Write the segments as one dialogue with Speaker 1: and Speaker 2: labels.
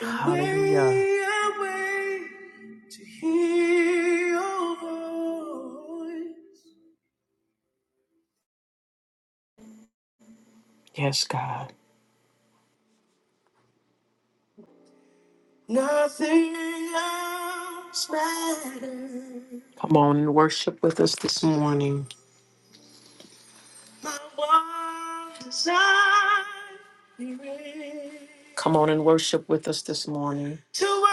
Speaker 1: Hallelujah. I wait to hear your voice. Yes, God. Nothing else matters. Come on and worship with us this morning. My one desire is Come on and worship with us this morning. to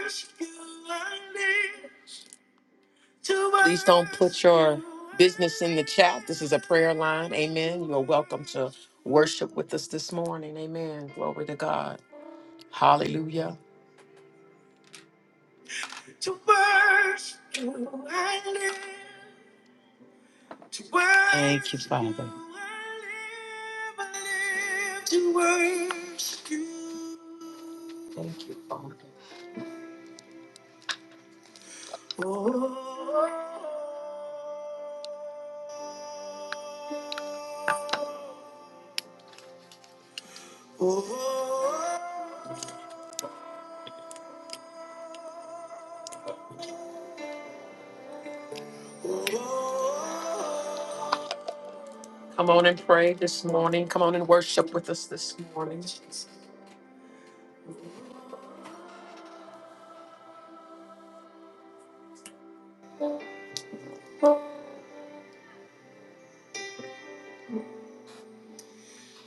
Speaker 1: worship you. I live. Please don't put your business in the chat. This is a prayer line. Amen. You are welcome to worship with us this morning. Amen. Glory to God. Hallelujah. To worship you live. To worship Thank you, Father. live. To worship oh, oh, oh. oh, oh. Come on and pray this morning. Come on and worship with us this morning.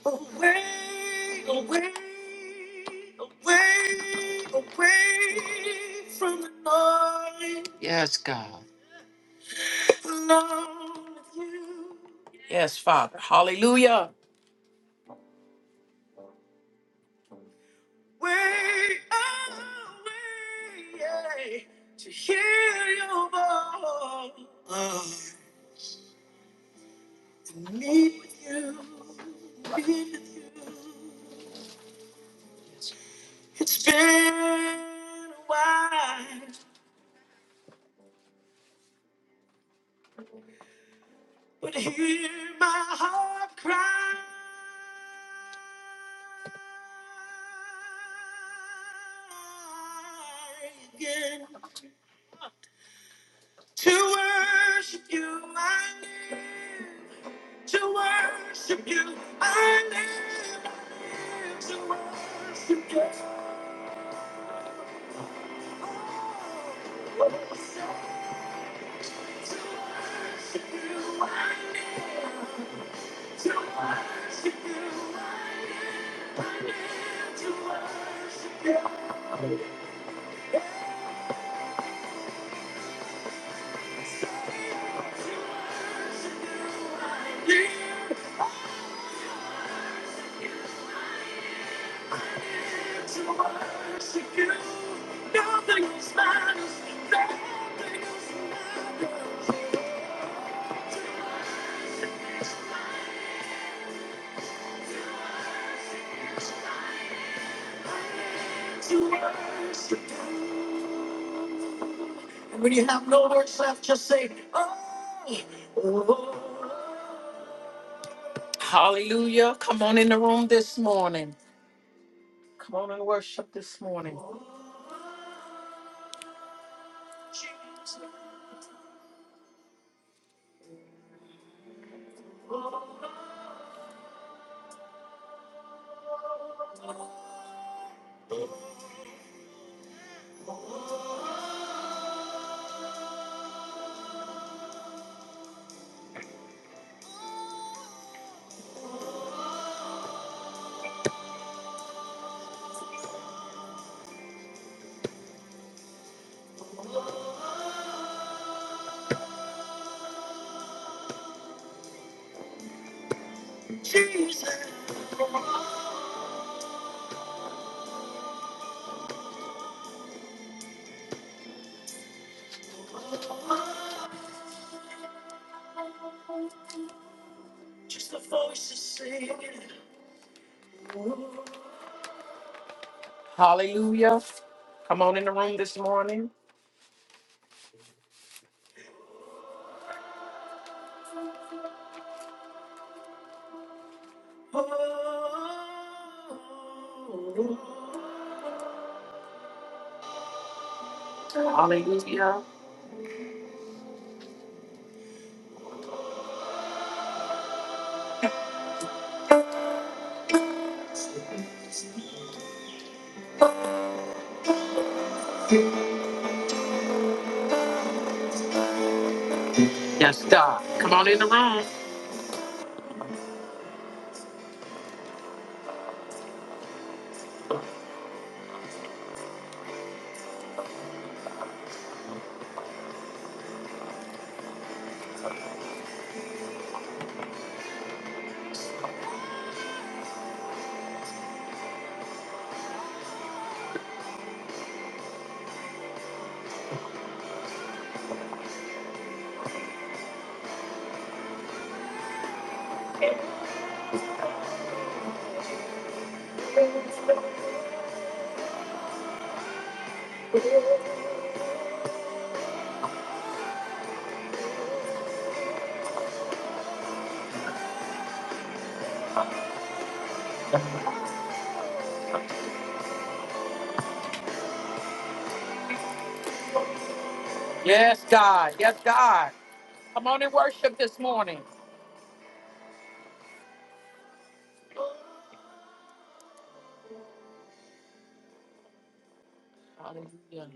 Speaker 1: Away, away, away, away from the noise. Yes. Alone with you. Yes, Father. Hallelujah. Way away to hear your voice. Uh, to meet with you, meet with you. It's been a while, but hear my heart cry. Again. To worship you, I live. To worship you, I live. I live To worship you, oh, oh, so to worship you, I live. To worship you. And when you have no words left, just say, oh, oh. Hallelujah. Come on in the room this morning. Come on and worship this morning. Jesus. Just the voices singing. Oh. Hallelujah. Come on in the room this morning. Hallelujah. Yes, God. Come on in the room. Yes, God. Yes, God. Come on and worship this morning. Hallelujah.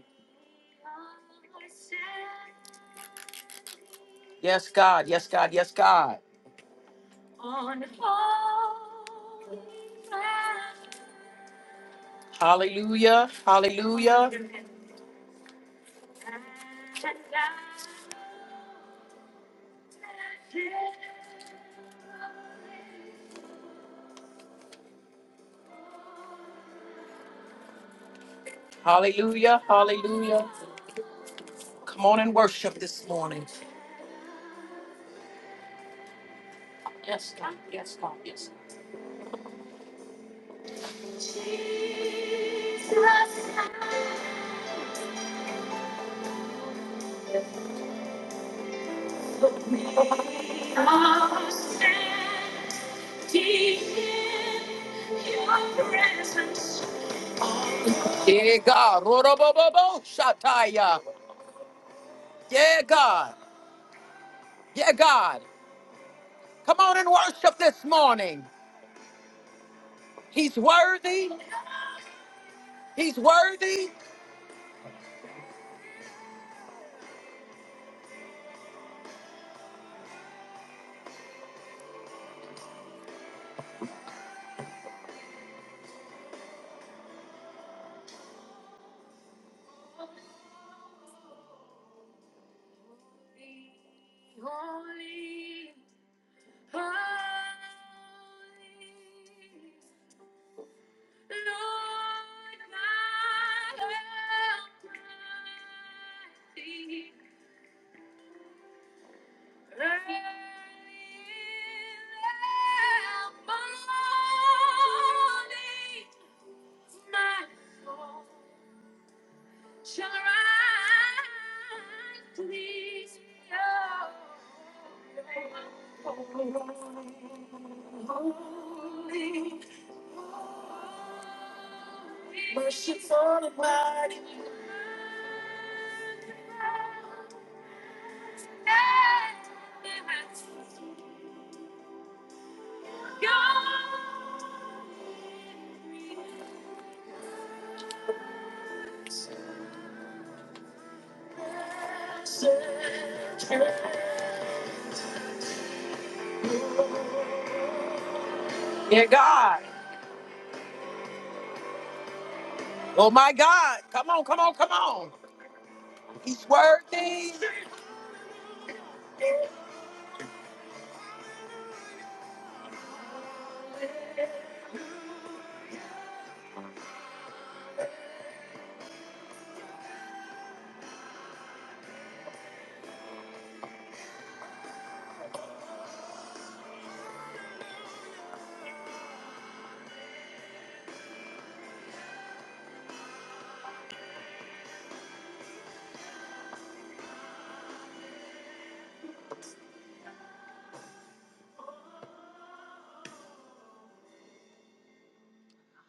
Speaker 1: Yes, God. Yes, God. Yes, God. On holy ground. Hallelujah. Hallelujah. Hallelujah. Hallelujah. Come on and worship this morning. Yes, God. Yes, God. Yes. God. Yeah, God. Ro-ro-bo-bo-bo, Shataya. Yeah, God. Yeah, God. Come on and worship this morning. He's worthy. He's worthy. Holy, holy, Lord, my God, Almighty. Merciful and mighty, God, Dear God. Oh my God. Come on, come on, come on. He's worthy.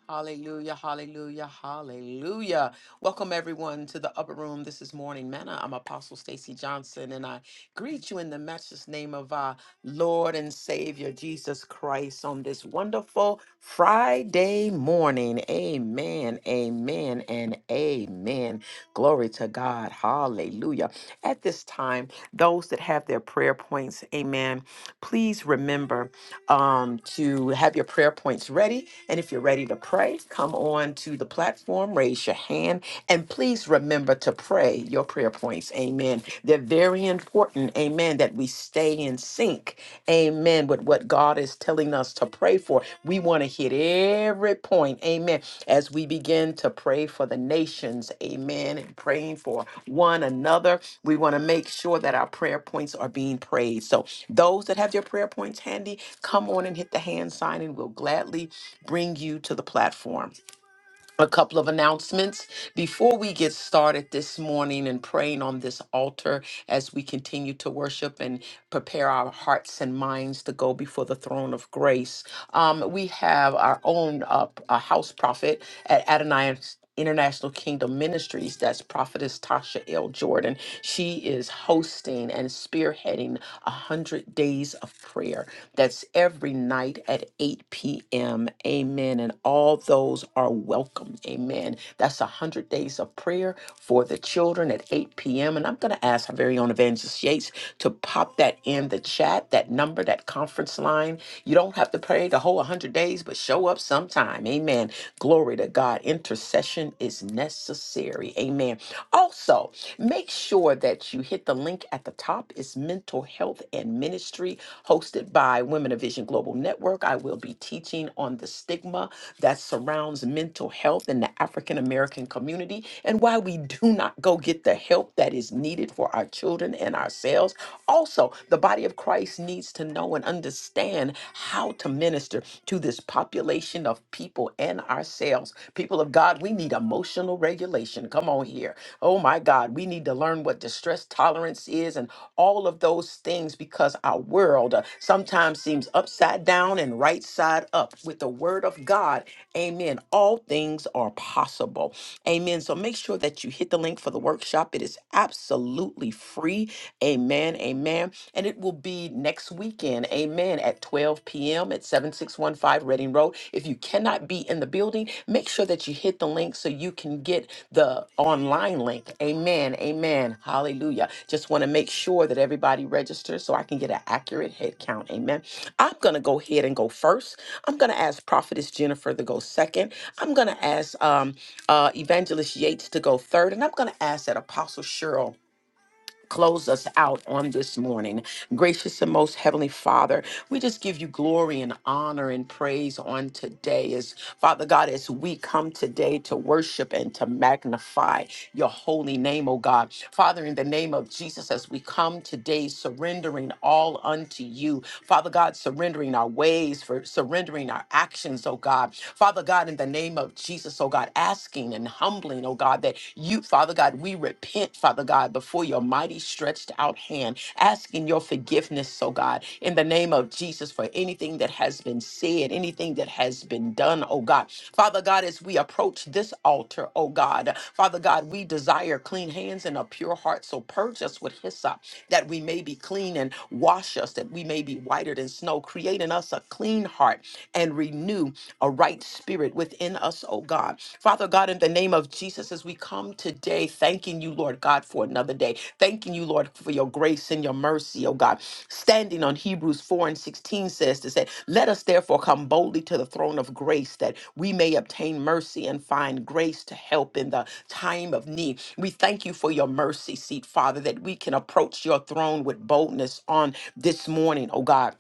Speaker 1: Hallelujah, hallelujah, hallelujah. Welcome everyone to the upper room. This is Morning Manna. I'm Apostle Stacy Johnson and I greet you in the matchless name of our Lord and Savior Jesus Christ on this wonderful Friday morning. Amen, amen, and amen. Glory to God. Hallelujah. At this time, those that have their prayer points, amen, please remember um, to have your prayer points ready. And if you're ready to pray, come on to the platform, raise your hand, and please remember to pray your prayer points. Amen. They're very important. Amen. That we stay in sync. Amen. With what God is telling us to pray for. We want want to hit every point. Amen. As we begin to pray for the nations. Amen. And praying for one another. We want to make sure that our prayer points are being prayed. So those that have your prayer points handy, come on and hit the hand sign and we'll gladly bring you to the platform a couple of announcements before we get started this morning and praying on this altar as we continue to worship and prepare our hearts and minds to go before the throne of grace. Um, we have our own uh, p- uh, house prophet at Adonai. International Kingdom Ministries. That's Prophetess Tasha L. Jordan. She is hosting and spearheading a 100 Days of Prayer. That's every night at 8 p.m. Amen. And all those are welcome. Amen. That's a 100 Days of Prayer for the children at 8 p.m. And I'm going to ask our very own Evangelist Yates to pop that in the chat, that number, that conference line. You don't have to pray the whole 100 days, but show up sometime. Amen. Glory to God. Intercession is necessary. Amen. Also, make sure that you hit the link at the top. It's Mental Health and Ministry, hosted by Women of Vision Global Network. I will be teaching on the stigma that surrounds mental health in the African American community and why we do not go get the help that is needed for our children and ourselves. Also, the body of Christ needs to know and understand on how to minister to this population of people and ourselves. People of God, we need emotional regulation. Come on here. Oh my God, we need to learn what distress tolerance is and all of those things because our world uh, sometimes seems upside down and right side up. With the word of God, amen, all things are possible. Amen. So make sure that you hit the link for the workshop. It is absolutely free. Amen. Amen and it will be next weekend, amen, at 12 p.m. at 7615 Reading Road. If you cannot be in the building, make sure that you hit the link so you can get the online link. Amen, amen, hallelujah. Just want to make sure that everybody registers so I can get an accurate head count, amen. I'm going to go ahead and go first. I'm going to ask Prophetess Jennifer to go second. I'm going to ask um, uh, Evangelist Yates to go third, and I'm going to ask that Apostle Cheryl Close us out on this morning. Gracious and most heavenly Father, we just give you glory and honor and praise on today. As Father God, as we come today to worship and to magnify your holy name, oh God. Father, in the name of Jesus, as we come today surrendering all unto you, Father God, surrendering our ways, for surrendering our actions, oh God. Father God, in the name of Jesus, oh God, asking and humbling, oh God, that you, Father God, we repent, Father God, before your mighty stretched out hand, asking your forgiveness, oh God, in the name of Jesus for anything that has been said, anything that has been done, oh God. Father God, as we approach this altar, oh God, Father God, we desire clean hands and a pure heart. So purge us with hyssop that we may be clean and wash us, that we may be whiter than snow. Create in us a clean heart and renew a a right spirit within us, oh God. Father God, in the name of Jesus, as we come today, thanking you, Lord God, for another day. Thanking you, Lord, for your grace and your mercy, oh God. Standing on Hebrews 4 and 16 says to say, Let us therefore come boldly to the throne of grace that we may obtain mercy and find grace to help in the time of need. We thank you for your mercy seat, Father, that we can approach your throne with boldness on this morning, oh God.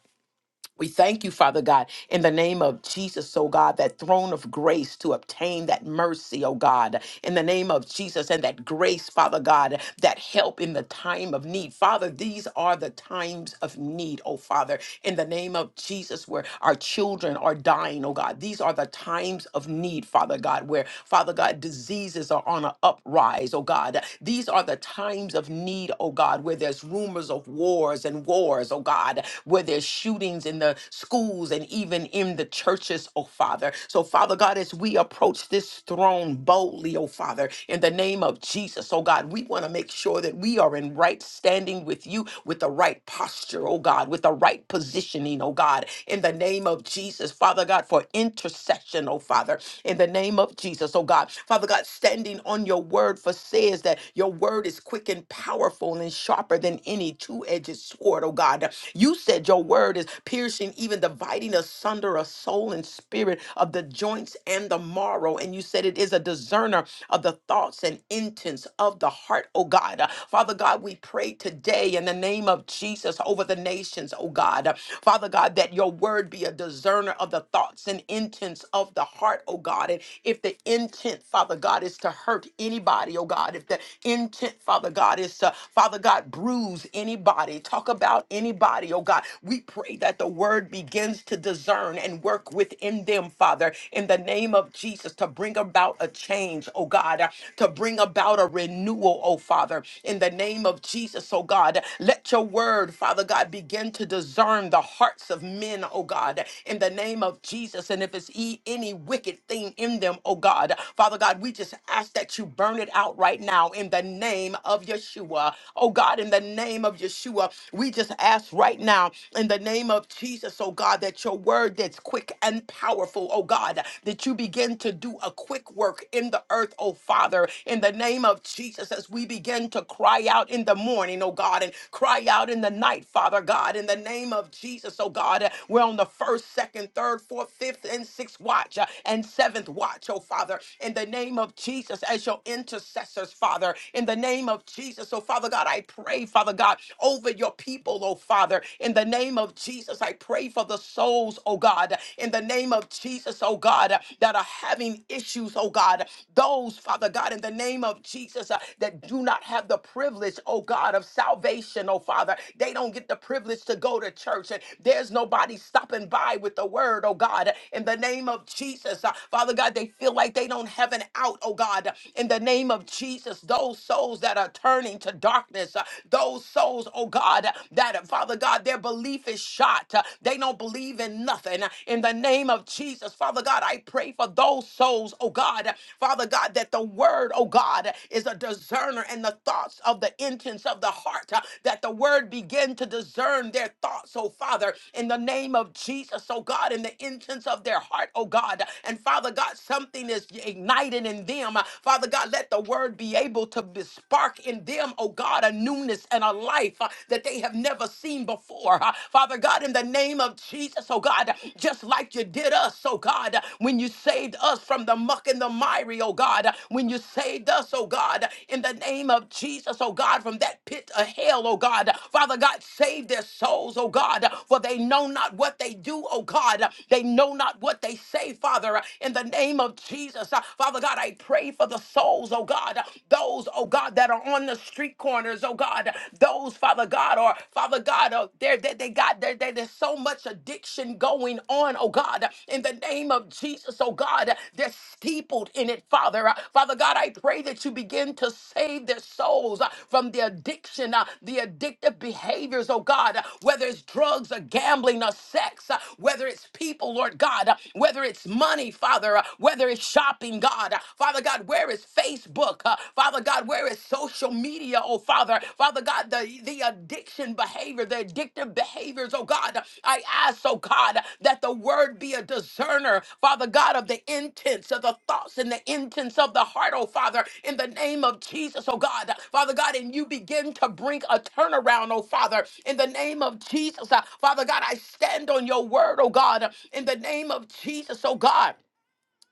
Speaker 1: We thank you, Father God, in the name of Jesus, oh God, that throne of grace to obtain that mercy, oh God, in the name of Jesus, and that grace, Father God, that help in the time of need. Father, these are the times of need, oh Father, in the name of Jesus, where our children are dying, oh God. These are the times of need, Father God, where, Father God, diseases are on an uprise, oh God. These are the times of need, oh God, where there's rumors of wars and wars, oh God, where there's shootings in the schools and even in the churches, oh Father. So, Father God, as we approach this throne boldly, oh Father, in the name of Jesus, oh God, we want to make sure that we are in right standing with you, with the right posture, oh God, with the right positioning, oh God, in the name of Jesus, Father God, for intercession, oh Father, in the name of Jesus, oh God. Father God, standing on your word for says that your word is quick and powerful and sharper than any two-edged sword, oh oh God. You said your word is piercing, even dividing asunder a soul and spirit of the joints and the marrow. And you said it is a discerner of the thoughts and intents of the heart, oh God. Father God, we pray today in the name of Jesus over the nations, oh God. Father God, that your word be a discerner of the thoughts and intents of the heart, oh God. And if the intent, Father God, is to hurt anybody, oh God, if the intent, Father God, is to, Father God, bruise anyone anybody, talk about anybody, oh God. We pray that the word begins to discern and work within them, Father, in the name of Jesus, to bring about a change, oh God, uh, to bring about a renewal, oh Father, in the name of Jesus, oh God. Let your word, Father God, begin to discern the hearts of men, oh God, in the name of Jesus. And if it's e- any wicked thing in them, oh God, Father God, we just ask that you burn it out right now in the name of Yeshua. Oh oh God, in the name of Yeshua, we just ask right now, in the name of Jesus, oh God, that your word that's quick and powerful, oh God, that you begin to do a quick work in the earth, oh Father, in the name of Jesus, as we begin to cry out in the morning, oh God, and cry out in the night, Father God, in the name of Jesus, oh God, we're on the first, second, third, fourth, fifth, and sixth watch uh, and seventh watch, oh Father, in the name of Jesus, as your intercessors, Father, in the name of Jesus. So, Father God, I pray, Father God, over your people, oh Father, in the name of Jesus. I pray for the souls, oh God, in the name of Jesus, oh God, that are having issues, oh God. Those, Father God, in the name of Jesus, uh, that do not have the privilege, oh God, of salvation, oh Father. They don't get the privilege to go to church, and there's nobody stopping by with the word, oh God, in the name of Jesus. Uh, Father God, they feel like they don't have an out, oh God, in the name of Jesus those souls that are turning to darkness, uh, those souls, oh God, uh, that, uh, Father God, their belief is shot. uh, They don't believe in nothing. Uh, In the name of Jesus, Father God, I pray for those souls, oh God, uh, Father God, that the word, oh God, uh, is a discerner in the thoughts of the intents of the heart, uh, that the word begin to discern their thoughts, oh Father, in the name of Jesus, oh God, in the intents of their heart, oh God. And Father God, something is ignited in them. Father God, God, let the word be able to be spark in them, oh God, a newness and a life uh, that they have never seen before. Uh, Father God, in the name of Jesus, oh God, just like you did us, oh God, when you saved us from the muck and the miry, oh God, when you saved us, oh God, in the name of Jesus, oh God, from that pit of hell, oh God. Father God, save their souls, oh God, for they know not what they do, oh God. They know not what they say, Father, in the name of Jesus. Uh, Father God, I I pray for the souls, oh God, those, oh God, that are on the street corners, oh God, those, Father God, or Father God, oh, they're, they, they got, they, they, there's so much addiction going on, oh God, in the name of Jesus, oh God, they're steepled in it, Father. Uh, Father God, I pray that you begin to save their souls uh, from the addiction, uh, the addictive behaviors, oh God, uh, whether it's drugs or gambling or sex, uh, whether it's people, Lord God, uh, whether it's money, Father, uh, whether it's is shopping, God. Father God, where is Facebook? Uh, Father God, where is social media, oh Father? Father God, the, the addiction behavior, the addictive behaviors, oh God. I ask, oh God, that the word be a discerner, Father God, of the intents of the thoughts and the intents of the heart, oh Father, in the name of Jesus, oh God. Father God, and you begin to bring a turnaround, oh Father, in the name of Jesus. Uh, Father God, I stand on your word, oh God, in the name of Jesus, oh God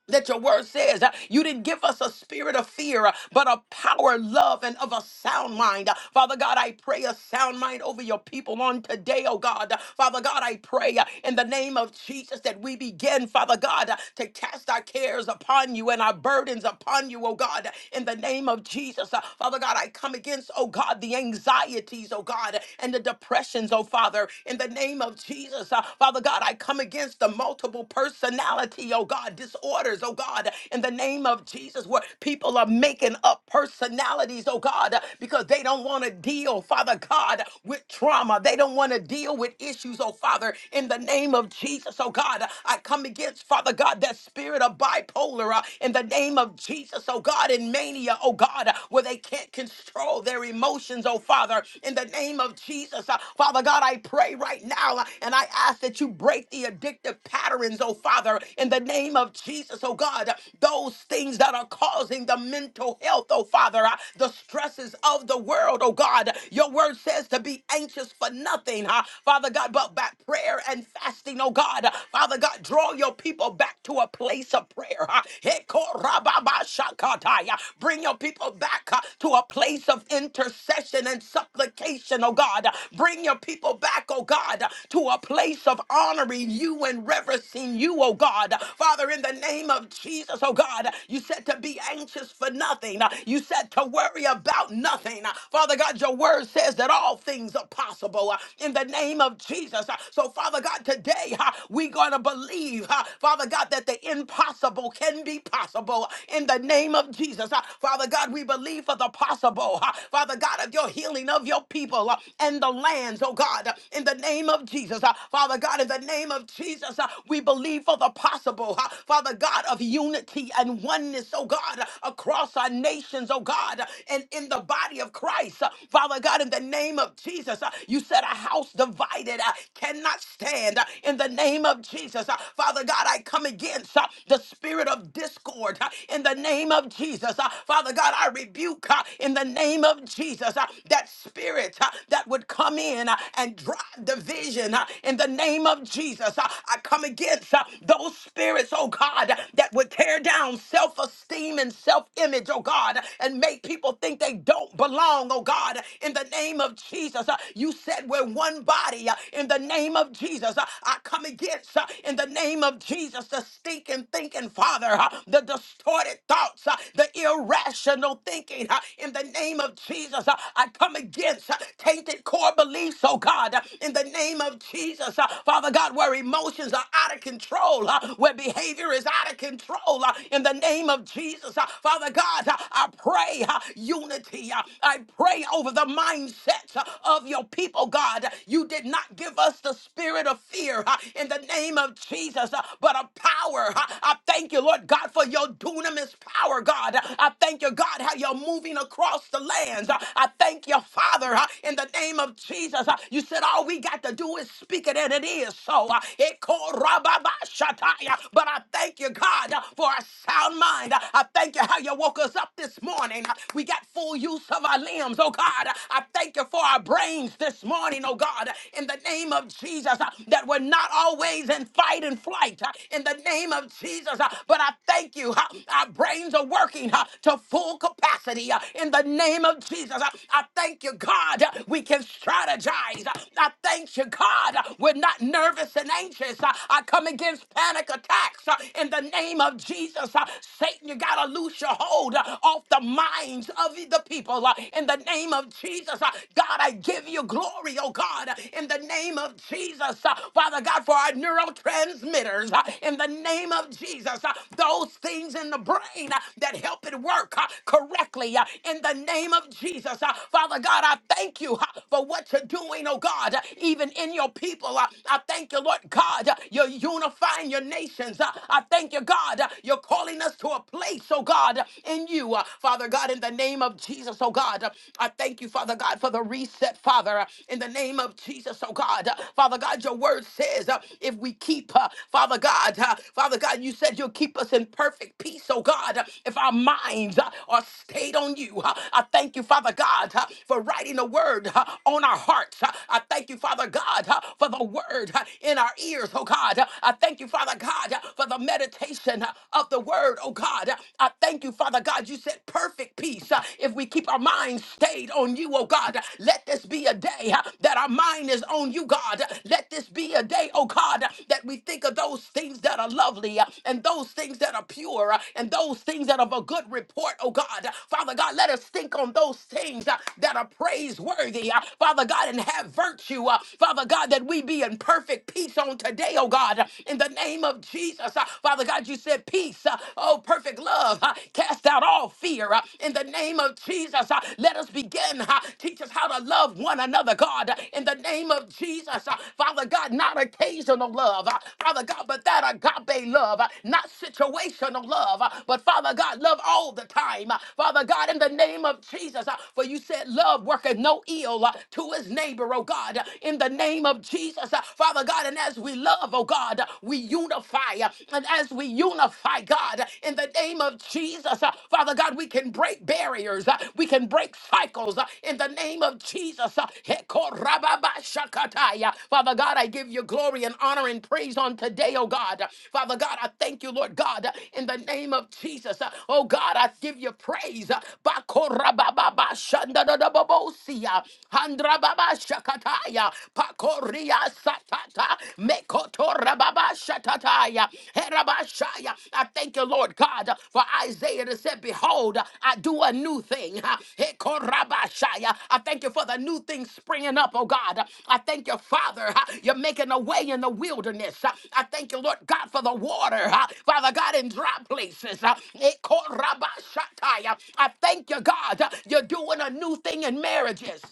Speaker 1: that your word says uh, you didn't give us a spirit of fear, uh, but a power, love, and of a sound mind. Uh, Father God, I pray a sound mind over your people on today, oh God. Uh, Father God, I pray uh, in the name of Jesus that we begin, Father God, uh, to cast our cares upon you and our burdens upon you, oh God, Uh, in the name of Jesus. Uh, Father God, I come against, oh God, the anxieties, oh God, uh, and the depressions, oh Father, in the name of Jesus. Uh, Father God, I come against the multiple personality, oh God, disorders, oh God, in the name of Jesus, where people are making up personalities, oh God, because they don't want to deal, Father God, with trauma. They don't want to deal with issues, oh Father, in the name of Jesus, oh God. I come against, Father God, that spirit of bipolar uh, in the name of Jesus, oh God, in mania, oh God, where they can't control their emotions, oh Father, in the name of Jesus. Uh, Father God, I pray right now uh, and I ask that you break the addictive patterns, oh Father, in the in the name of Jesus, oh God, those things that are causing the mental health, oh Father, uh, the stresses of the world, oh God. Your word says to be anxious for nothing, uh, Father God, but by prayer and fasting, oh God. Father God, draw your people back to a place of prayer. uh, Hekorababashakataya. Bring your people back uh, to a place of intercession and supplication, oh God. Bring your people back, oh God, to a place of honoring you and reverencing you, oh oh God. Father, in the name of Jesus, oh God, you said to be anxious for nothing. You said to worry about nothing. Father God, your word says that all things are possible uh, in the name of Jesus. Uh, So, Father God, today uh, we're going to believe, uh, Father God, that the impossible can be possible in the name of Jesus. Uh, Father God, we believe for the possible, uh, Father God, of your healing of your people uh, and the lands, oh God, uh, in the name of Jesus. Uh, Father God, in the name of Jesus, uh, we believe we believe for the possible, huh? Father God, of unity and oneness, oh God, across our nations, oh God, and in the body of Christ. Uh, Father God, in the name of Jesus, uh, you said a house divided uh, cannot stand. Uh, In the name of Jesus, uh, Father God, I come against uh, the spirit of discord. uh, In the name of Jesus, Uh, Father God, I rebuke uh, in the name of Jesus uh, that spirit uh, that would come in uh, and drive division. uh, In the name of Jesus, Uh, I I come against uh, those spirits, oh God, that would tear down self esteem and self image, oh God, and make people think they don't belong, oh God, in the name of Jesus. Uh, You said we're one body uh, in the name of Jesus. Uh, I come against uh, in the name of Jesus the stinking thinking, Father, uh, the distorted thoughts, uh, the irrational thinking uh, in the name of Jesus. Uh, I come against uh, tainted core beliefs, oh God, uh, in the name of Jesus. Uh, Father God, where where emotions are out of control, uh, where behavior is out of control. uh, In the name of Jesus, Uh, Father God, uh, I pray uh, unity. uh, I pray over the mindsets uh, of your people, God. You did not give us the spirit of fear uh, in the name of Jesus, uh, but a power. uh, I thank you, Lord God, for your dunamis power, God. I thank you, God, how you're moving across the lands. I thank you, Father, uh, in the name of Jesus. Uh, You said all we got to do is speak it, and it is is so. Uh, Ekorababashataya. But I thank you, God, uh, for a sound mind. Uh, I thank you how you woke us up this morning. Uh, We got full use of our limbs, oh God. Uh, I thank you for our brains this morning, oh God, Uh, in the name of Jesus, uh, that we're not always in fight and flight, uh, in the name of Jesus. uh, But I thank you, uh, our brains are working uh, to full capacity uh, in the name of Jesus. Uh, I thank you, God, uh, we can strategize. Uh, I thank you, God, uh, we're not nervous and anxious. Uh, I come against panic attacks uh, in the name of Jesus. Uh, Satan, you got to loose your hold uh, off the minds of the people uh, in the name of Jesus. Uh, God, I give you glory, oh God, uh, in the name of Jesus. Uh, Father God, for our neurotransmitters uh, in the name of Jesus. Uh, Those things in the brain uh, that help it work uh, correctly uh, in the name of Jesus. Uh, Father God, I thank you uh, for what you're doing, oh God, uh, even in your your people. Uh, I thank you, Lord God. uh, You're unifying your nations. Uh, I thank you, God. uh, You're calling us to a place, oh God, uh, in you. Uh, Father God, in the name of Jesus, oh God, uh, I thank you, Father God, for the reset, Father, uh, in the name of Jesus, oh God. Uh, Father God, your word says uh, if we keep, uh, Father God, uh, Father God, you said you'll keep us in perfect peace, oh God, uh, if our minds uh, are stayed on you. Uh, I thank you, Father God, uh, for writing a word uh, on our hearts. Uh, I thank you, Father. Father God, uh, for the word uh, in our ears, oh God. Uh, I thank you, Father God, uh, for the meditation uh, of the word, oh God. Uh, I thank you, Father God, you said perfect peace uh, if we keep our minds stayed on you, oh God. Uh, Let this be a day uh, that our mind is on you, God. Uh, Let this be a day, oh God, uh, that we think of those things that are lovely uh, and those things that are pure uh, and those things that are of a good report, oh God. Uh, Father God, let us think on those things uh, that are praiseworthy, uh, Father God, and have virtue hurt you. Uh, Father God, that we be in perfect peace on today, oh God, uh, in the name of Jesus. Uh, Father God, you said peace, uh, oh, perfect love, uh, cast out all fear. uh, In the name of Jesus, Uh, let us begin. uh, Teach us how to love one another, God, uh, in the name of Jesus. Uh, Father God, not occasional love, uh, Father God, but that agape love, uh, not situational love, uh, but Father God, love all the time. Uh, Father God, in the name of Jesus, uh, for you said love worketh no ill uh, to his name neighbor, oh God, in the name of Jesus, uh, Father God. And as we love, oh God, we unify. uh, And as we unify, God, in the name of Jesus, uh, Father God, we can break barriers, uh, we can break cycles uh, in the name of Jesus. uh, Hekorababashakataya. Father God, I give you glory and honor and praise on today, oh God. Father God, I thank you, Lord God, in the name of Jesus. Uh, Oh God, I give you praise. Bakorabababashandadadabobosia. Mandra baba shakataya. Pakoria satata. Mekotora baba shatataya. Herabashaya. I thank you, Lord God, for Isaiah that said, Behold, I do a new thing. Hekorabashaya. I thank you for the new thing springing up, oh God. I thank you, Father. You're making a way in the wilderness. I thank you, Lord God, for the water. Father God, in dry places. Hekorabashataya. I thank you, God. You're doing a new thing in marriages.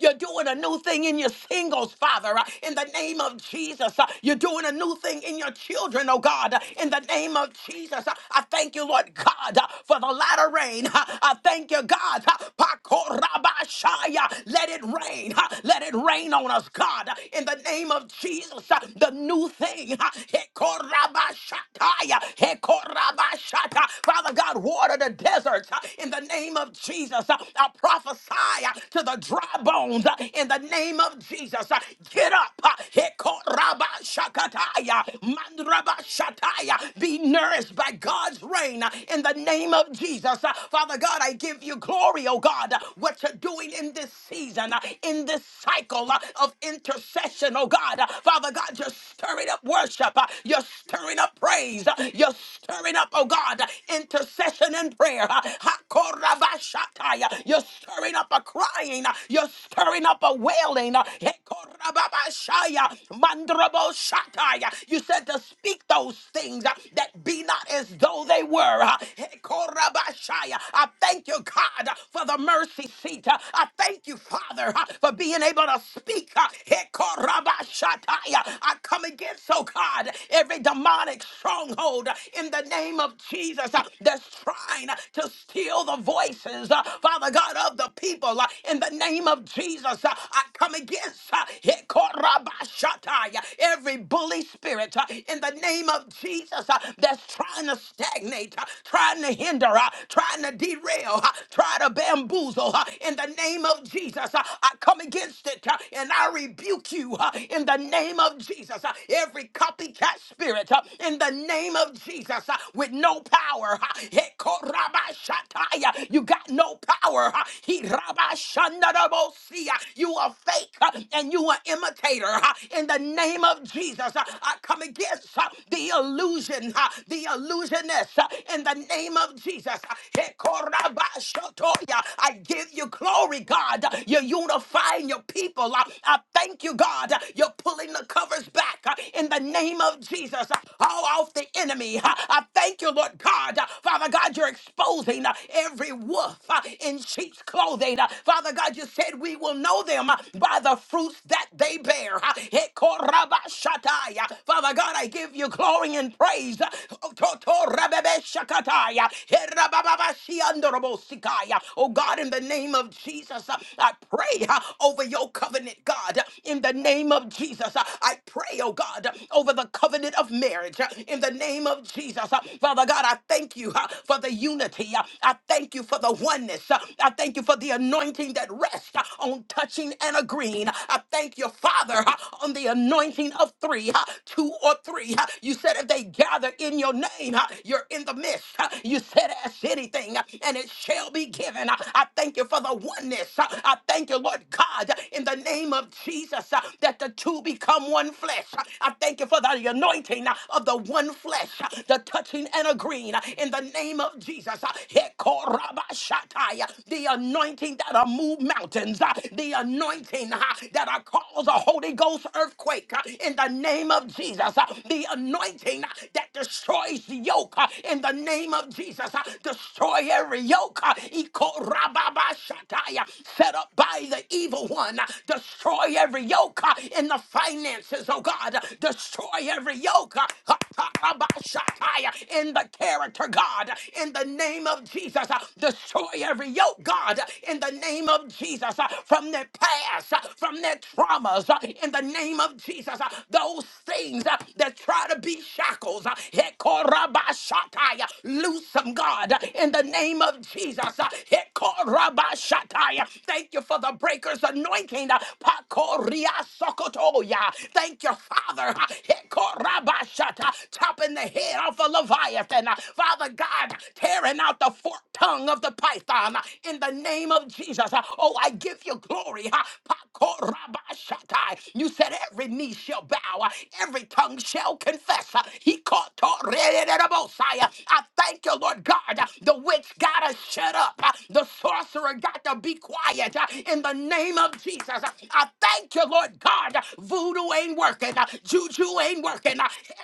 Speaker 1: You're doing a new thing in your singles, Father, uh, in the name of Jesus. uh, You're doing a new thing in your children, oh God, uh, in the name of Jesus. Uh, I thank you, Lord God, uh, for the latter rain. Uh, I thank you, God. uh, Pakorabashaya. Let it rain. uh, Let it rain on us, God, uh, in the name of Jesus. uh, The new thing. uh, Hekorabashataya. Hekorabashata. Father God, water the desert uh, in the name of Jesus. uh, uh, I prophesy uh, to the dry bones uh, in the name of Jesus. Uh, Get up. uh, Hekoraba shakataya, mandraba shataya. Be nourished by God's rain uh, in the name of Jesus. Uh, Father God, I give you glory, oh God, uh, what you're doing in this season, uh, in this cycle uh, of intercession, oh God. Uh, Father God, you're stirring up worship. uh, You're stirring up praise. uh, You're stirring up, oh God, uh, intercession and in prayer. Hakorabashataya. You're stirring up a crying. You're stirring up a wailing. Hekorababashaya. Mandraboshataya. You said to speak those things uh, that be not as though they were. uh, Hekorabashaya. I thank you, God, uh, for the mercy seat. uh, I thank you, Father, uh, for being able to speak. uh, Hekorabashataya. I come against, oh God, every demonic stronghold in the name of Jesus uh, that's trying uh, to steal the voices, uh, Father God, of the people. uh, In the name of Jesus, uh, I come against uh, Hekorabashatai, uh, every bully spirit uh, in the name of Jesus uh, that's trying to stagnate, uh, trying to hinder, uh, trying to derail, uh, trying to bamboozle. uh, In the name of Jesus, uh, I come against it uh, and I rebuke you uh, in the name of Jesus. uh, Every copycat copycat spirit uh, in the name of Jesus uh, with no power. uh, Hekorabashataya. You got no power. uh, Hirabashanadabosia. You are fake uh, and you are imitator. uh, In the name of Jesus, uh, I come against uh, the illusion, uh, the illusionist uh, in the name of Jesus. Hekorabashatoya. I give you glory, God. You're unifying your people. I I thank you, God. You're pulling the covers back uh, in the name of Jesus. uh, All off the enemy. Uh, I thank you, Lord God. Uh, Father God, you're exposing uh, every wolf uh, in sheep's clothing. Uh, Father God, you said we will know them uh, by the fruits that they bear. Uh, Hekorabashatai. Uh, Father God, I give you glory and praise. Uh, Totorabebeshakatai. Uh, Herabababashiandorobosikaya. Oh God, in the name of Jesus, uh, I pray. uh, over over your covenant, God, in the name of Jesus. I pray, oh God, over the covenant of marriage, in the name of Jesus. Father God, I thank you uh, for the unity. I thank you for the oneness. I thank you for the anointing that rests uh, on touching and agreeing. I thank you, Father, uh, on the anointing of three, uh, two or three. Uh, You said if they gather in your name, uh, you're in the midst. Uh, You said, ask anything, uh, and it shall be given. I I thank you thank you for the oneness. Uh, I thank you, Lord God, uh, in the name of Jesus, uh, that the two become one flesh. Uh, I thank you for the anointing uh, of the one flesh, uh, the touching and agreeing uh, in the name of Jesus. Uh, Hekorabashatai, uh, The anointing that'll move mountains, uh, the anointing uh, that'll cause a Holy Ghost earthquake uh, in the name of Jesus, uh, the anointing uh, that destroys the yoke uh, in the name of Jesus, uh, destroys destroy every yoke uh, Ikorababashataya, set up by the evil one. Uh, Destroy every yoke uh, in the finances, oh God. Uh, Destroy every yoke uh, Hatabashataya, in the character, God, Uh, in the name of Jesus. Uh, Destroy every yoke, God, Uh, in the name of Jesus, uh, from their past, uh, from their traumas, uh, in the name of Jesus. Uh, Those things uh, that try to be shackles, uh, Shataya. Loose them, God, in the name of Jesus. Hekorabashataya. Thank you for the breaker's anointing. Pakoriasokotoya. Thank you, Father. Hekorabashata. Chopping the head off of Leviathan. Father God, tearing out the forked tongue of the python in the name of Jesus. Oh, I give you glory. Pakorabashatai. You said every knee shall bow, every tongue shall confess. He caught Messiah. I thank you, Lord God. The witch gotta shut up. The sorcerer got to be quiet in the name of Jesus. I thank you, Lord God. Voodoo ain't working. Juju ain't working.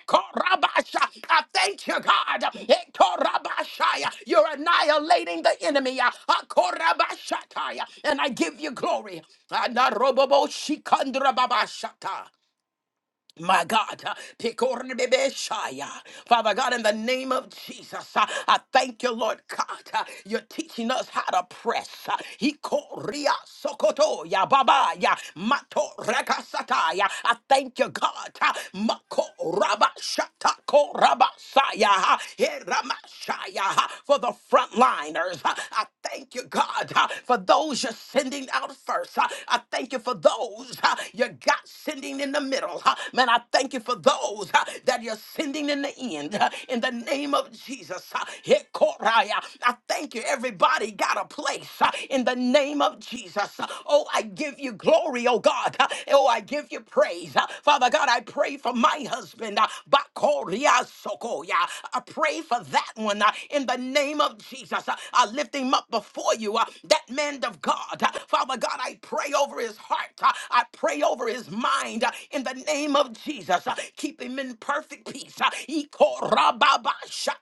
Speaker 1: Korabasha. I thank you, God. Korabashaya. You're annihilating the enemy. Korabashataya. And I give you glory. Anarobobo shikandrababashata. My God, uh, Pikornebeshaya. Father God, in the name of Jesus, uh, I thank you, Lord God. uh, You're teaching us how to press. uh, Hikoria Sokotoya Babaya Mato Rakasataya. I thank you, God. uh, Mako Rabashatako Rabasaya uh, Heramashaya, uh, for the frontliners. uh, I thank you, God, uh, for those you're sending out first. uh, I thank you for those uh, you're that God sending in the middle. huh. Man, I thank you for those huh, that you're sending in the end. huh, In the name of Jesus. huh. Hekoraya. I thank you. Everybody got a place huh, in the name of Jesus. Uh, Oh, I give you glory, oh God. huh. Oh, I give you praise. huh. Father God, I pray for my husband. huh, Bakoria Sokoya. I pray for that one uh, in the name of Jesus. Uh, I lift him up before you, uh, that man of God. Uh, Father God, I pray, oh over his heart. Uh, I pray over his mind uh, in the name of Jesus. Uh, Keep him in perfect peace. Uh, Ikorababashakaya.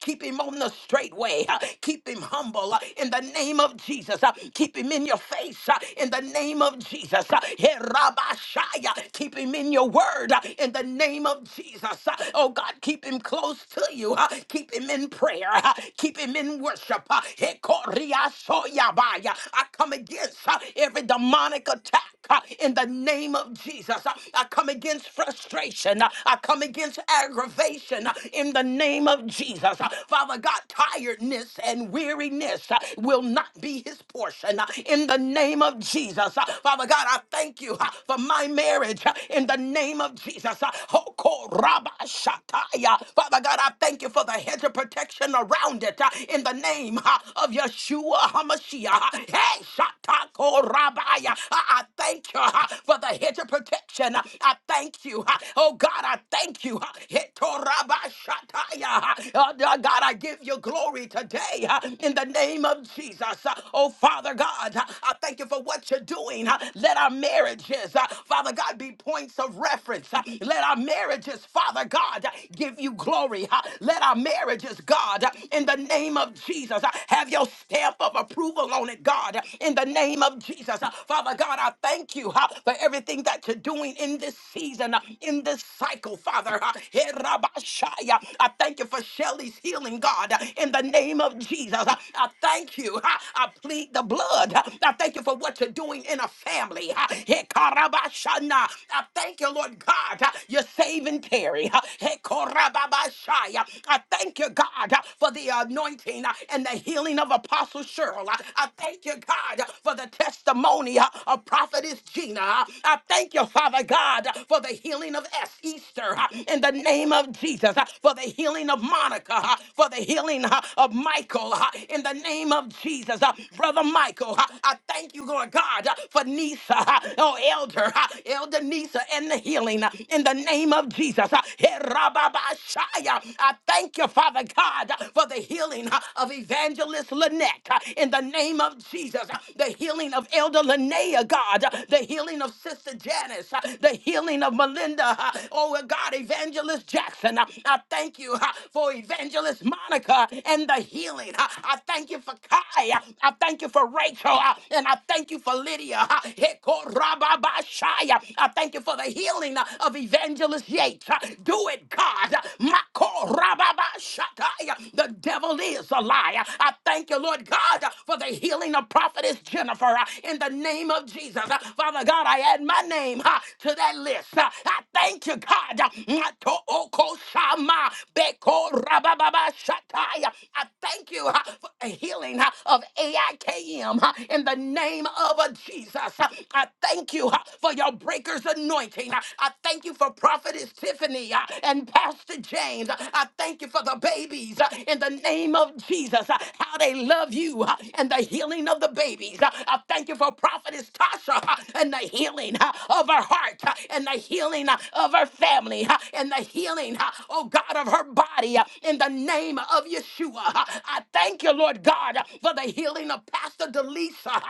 Speaker 1: Keep him on the straight way. Uh, Keep him humble uh, in the name of Jesus. Uh, Keep him in your face uh, in the name of Jesus. Uh, Herabashaya. Keep him in your word uh, in the name of Jesus. Uh, Oh God, keep him close to you. Uh, Keep him in prayer. Uh, Keep him in worship. Uh, Hekoriasoyabaya. I come against uh, every demonic attack uh, in the name of Jesus. Uh, I come against frustration. Uh, I come against aggravation uh, in the name of Jesus. Uh, Father God, tiredness and weariness uh, will not be his portion uh, in the name of Jesus. Uh, Father God, I thank you uh, for my marriage uh, in the name of Jesus. Uh, Hoko Rabba Shataya. Father God, I thank you for the hedge of protection around it uh, in the name name of Yeshua HaMashiach. Hey, Shatako Rabbiah. I I thank you uh, for the hedge of protection. Uh, I thank you. uh, Oh God, I thank you. uh, Heto Rabba Shataya. Uh, uh, God, I give you glory today uh, in the name of Jesus. Uh, Oh Father God, uh, I thank you for what you're doing. Uh, Let our marriages, uh, Father God, be points of reference. Uh, Let our marriages, Father God, uh, give you glory. Uh, Let our marriages, God, uh, in the name of Jesus. Uh, Have your stamp of approval on it, God, uh, in the name of Jesus. Uh, Father God, I thank you uh, for everything that you're doing in this season, uh, in this cycle, Father. Uh, Hey, Rabashaya, I thank you for Shelly's healing, God, uh, in the name of Jesus. Uh, I thank you. uh, I plead the blood. Uh, I thank you for what you're doing in a family. Uh, Hey, Karabashana, I thank you, Lord God. uh, You're saving Terry. Uh, Hey, Korababashaya. I thank you, God, uh, for the anointing uh, and the healing of Apostle Cheryl. Uh, I thank you, God, uh, for the testimony uh, of Prophetess Gina. Uh, I thank you, Father God, uh, for the healing of S. Easter uh, in the name of Jesus, uh, for the healing of Monica, uh, for the healing uh, of Michael uh, in the name of Jesus. Uh, Brother Michael, uh, I thank you, Lord God, uh, for Nisa, uh, oh, Elder, uh, Elder Nisa, and the healing uh, in the name of Jesus. Herababashaya. I thank you, Father God, for the healing of Evangelist Lynette in the name of Jesus, the healing of Elder Linnea, God, the healing of Sister Janice, the healing of Melinda, oh God, Evangelist Jackson. I thank you for Evangelist Monica and the healing. I thank you for Kai. I thank you for Rachel. And I thank you for Lydia. Hekorababashaya. I thank you for the healing uh, of Evangelist Yates. Uh, Do it, God. Uh, Makorababashatai. The devil is a liar. I thank you, Lord God, uh, for the healing of prophetess Jennifer uh, in the name of Jesus. Uh, Father God, I add my name uh, to that list. Uh, I thank you, God. Uh, Matookosama Bekorababashatai. I thank you uh, for the healing uh, of AIKM uh, in the name of uh, Jesus. Uh, I thank you uh, for your breaker's anointing. I thank you for Prophetess Tiffany uh, and Pastor James. I thank you for the babies uh, in the name of Jesus, uh, how they love you uh, and the healing of the babies. Uh, I thank you for Prophetess Tasha uh, and the healing uh, of her heart uh, and the healing uh, of her family uh, and the healing, uh, oh God, of her body uh, in the name of Yeshua. Uh, I thank you, Lord God, uh, for the healing of Pastor Delisa.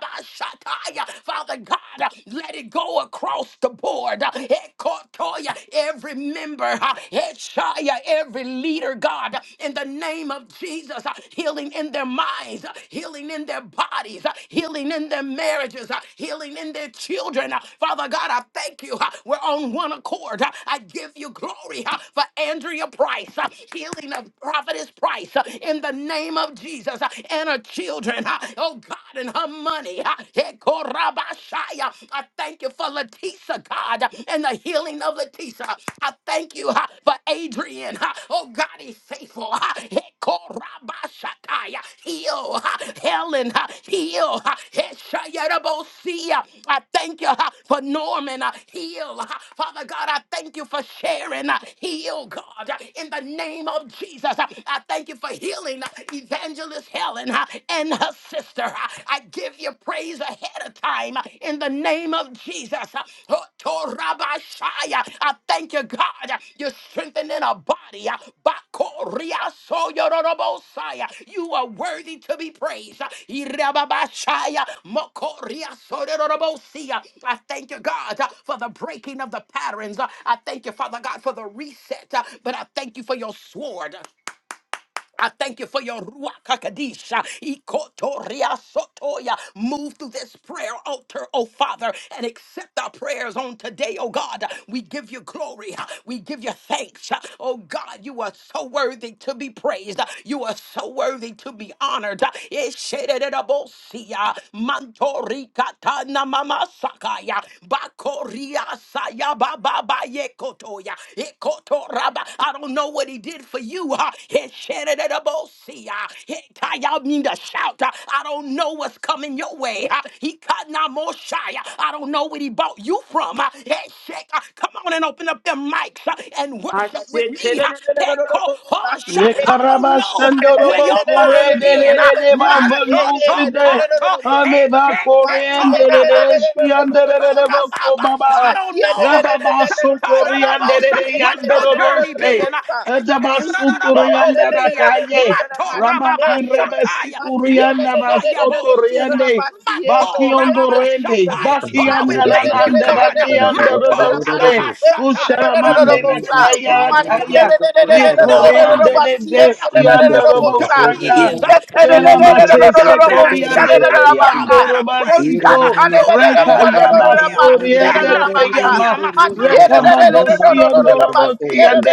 Speaker 1: Rabashataya. Father God, uh, let it go across the board. Uh, Ekotoya, Every member, uh, Eshaya, every leader, God, uh, in the name of Jesus, uh, healing in their minds, uh, healing in their bodies, uh, healing in their marriages, uh, healing in their children. Uh, Father God, I thank you. uh, We're on one accord. Uh, I give you glory uh, for Andrea Price, uh, healing of prophetess Price uh, in the name of Jesus uh, and her children children, uh, oh God, and her money. uh, Hekorabashaya. I thank you for Leticia, God, and the healing of Leticia. I thank you uh, for Adrian. uh, Oh God, he's faithful. uh, Hekorabashataya. Heal, uh, Helen, uh, heal. uh, Heshayarabosia. I thank you uh, for Norman. uh, Heal, uh, Father God. I thank you for Sharon. uh, Heal, God, uh, in the name of Jesus. uh, I thank you for healing uh, Evangelist Helen uh, and her sister. Uh, I give you praise ahead of time uh, in the name of Jesus. Uh, Otorabashaya. I thank you, God. uh, You're strengthening our body. uh, Bakoriasoyorobosaya. You are worthy to be praised. Uh, Irababashaya. Mokoriasorobosaya. I thank you, God, uh, for the breaking of the patterns. Uh, I thank you, Father God, for the reset. Uh, But I thank you for your sword. I thank you for your Ruach HaKodesh, Ikotoria Sotoya. Move through this prayer altar, oh Father, and accept our prayers on today, oh God. We give you glory. We give you thanks. Oh God, you are so worthy to be praised. You are so worthy to be honored. Eshederebosia, Mantorikatana Mamasakaya, Bakoria Saya Baba Yekotoya, Ekotoraba. I don't know what he did for you you. Uh, it shed it at a both see, uh, it- uh, y'all need to shout. uh, I don't know what's coming your way. uh, He cut not more shy. uh, I don't know where he bought you from. uh, it shed, uh, Come on and open up them mics uh, and
Speaker 2: I
Speaker 1: worship with
Speaker 2: said,
Speaker 1: me.
Speaker 2: Lord.
Speaker 1: uh, Peko Hush, uh, I don't know uh,
Speaker 3: Yekarabashanda
Speaker 1: where
Speaker 3: robo
Speaker 1: your
Speaker 3: kore
Speaker 1: mind
Speaker 3: de
Speaker 1: been.
Speaker 3: de
Speaker 1: uh,
Speaker 3: de de ba mandu
Speaker 1: Masoto
Speaker 3: side.
Speaker 1: Koto
Speaker 3: Ame ba kore
Speaker 1: Hesheketo
Speaker 3: ande de de de
Speaker 1: Raba.
Speaker 3: shi ande de de de bo ko baba.
Speaker 1: I
Speaker 3: Raba ba so kore
Speaker 1: don't
Speaker 3: ande
Speaker 1: know
Speaker 3: de de
Speaker 1: what your journey been.
Speaker 3: ba ba su turi yanda ra kaye. Rama karebe si kuri yanda ba ame Yekarabashandorobokoredelelelebamanduside. Amebakoreandeleleleshiandelelelebokobaba. Rababasokoriandeleleyandelorose. Edabasutoriandarakaye. Ramakarebesikoriandabasotoriande.
Speaker 2: Thank you,
Speaker 3: Bakiondorende.
Speaker 2: Jesus.
Speaker 4: Thank
Speaker 2: Oh,
Speaker 1: Oh, we thank you, God.
Speaker 3: Bakiandananandanandiandorose.
Speaker 1: Rababashata. Yeah,
Speaker 3: Usharamande
Speaker 1: we give you
Speaker 3: lakaya
Speaker 1: glory,
Speaker 3: lakaya.
Speaker 1: God. I don't know, uh, Hessiah, what your story is. uh, Hessiah, y'all better shout. uh, Y'all better praise him. uh, You better worship him. uh, Magnify him. uh, My
Speaker 4: you.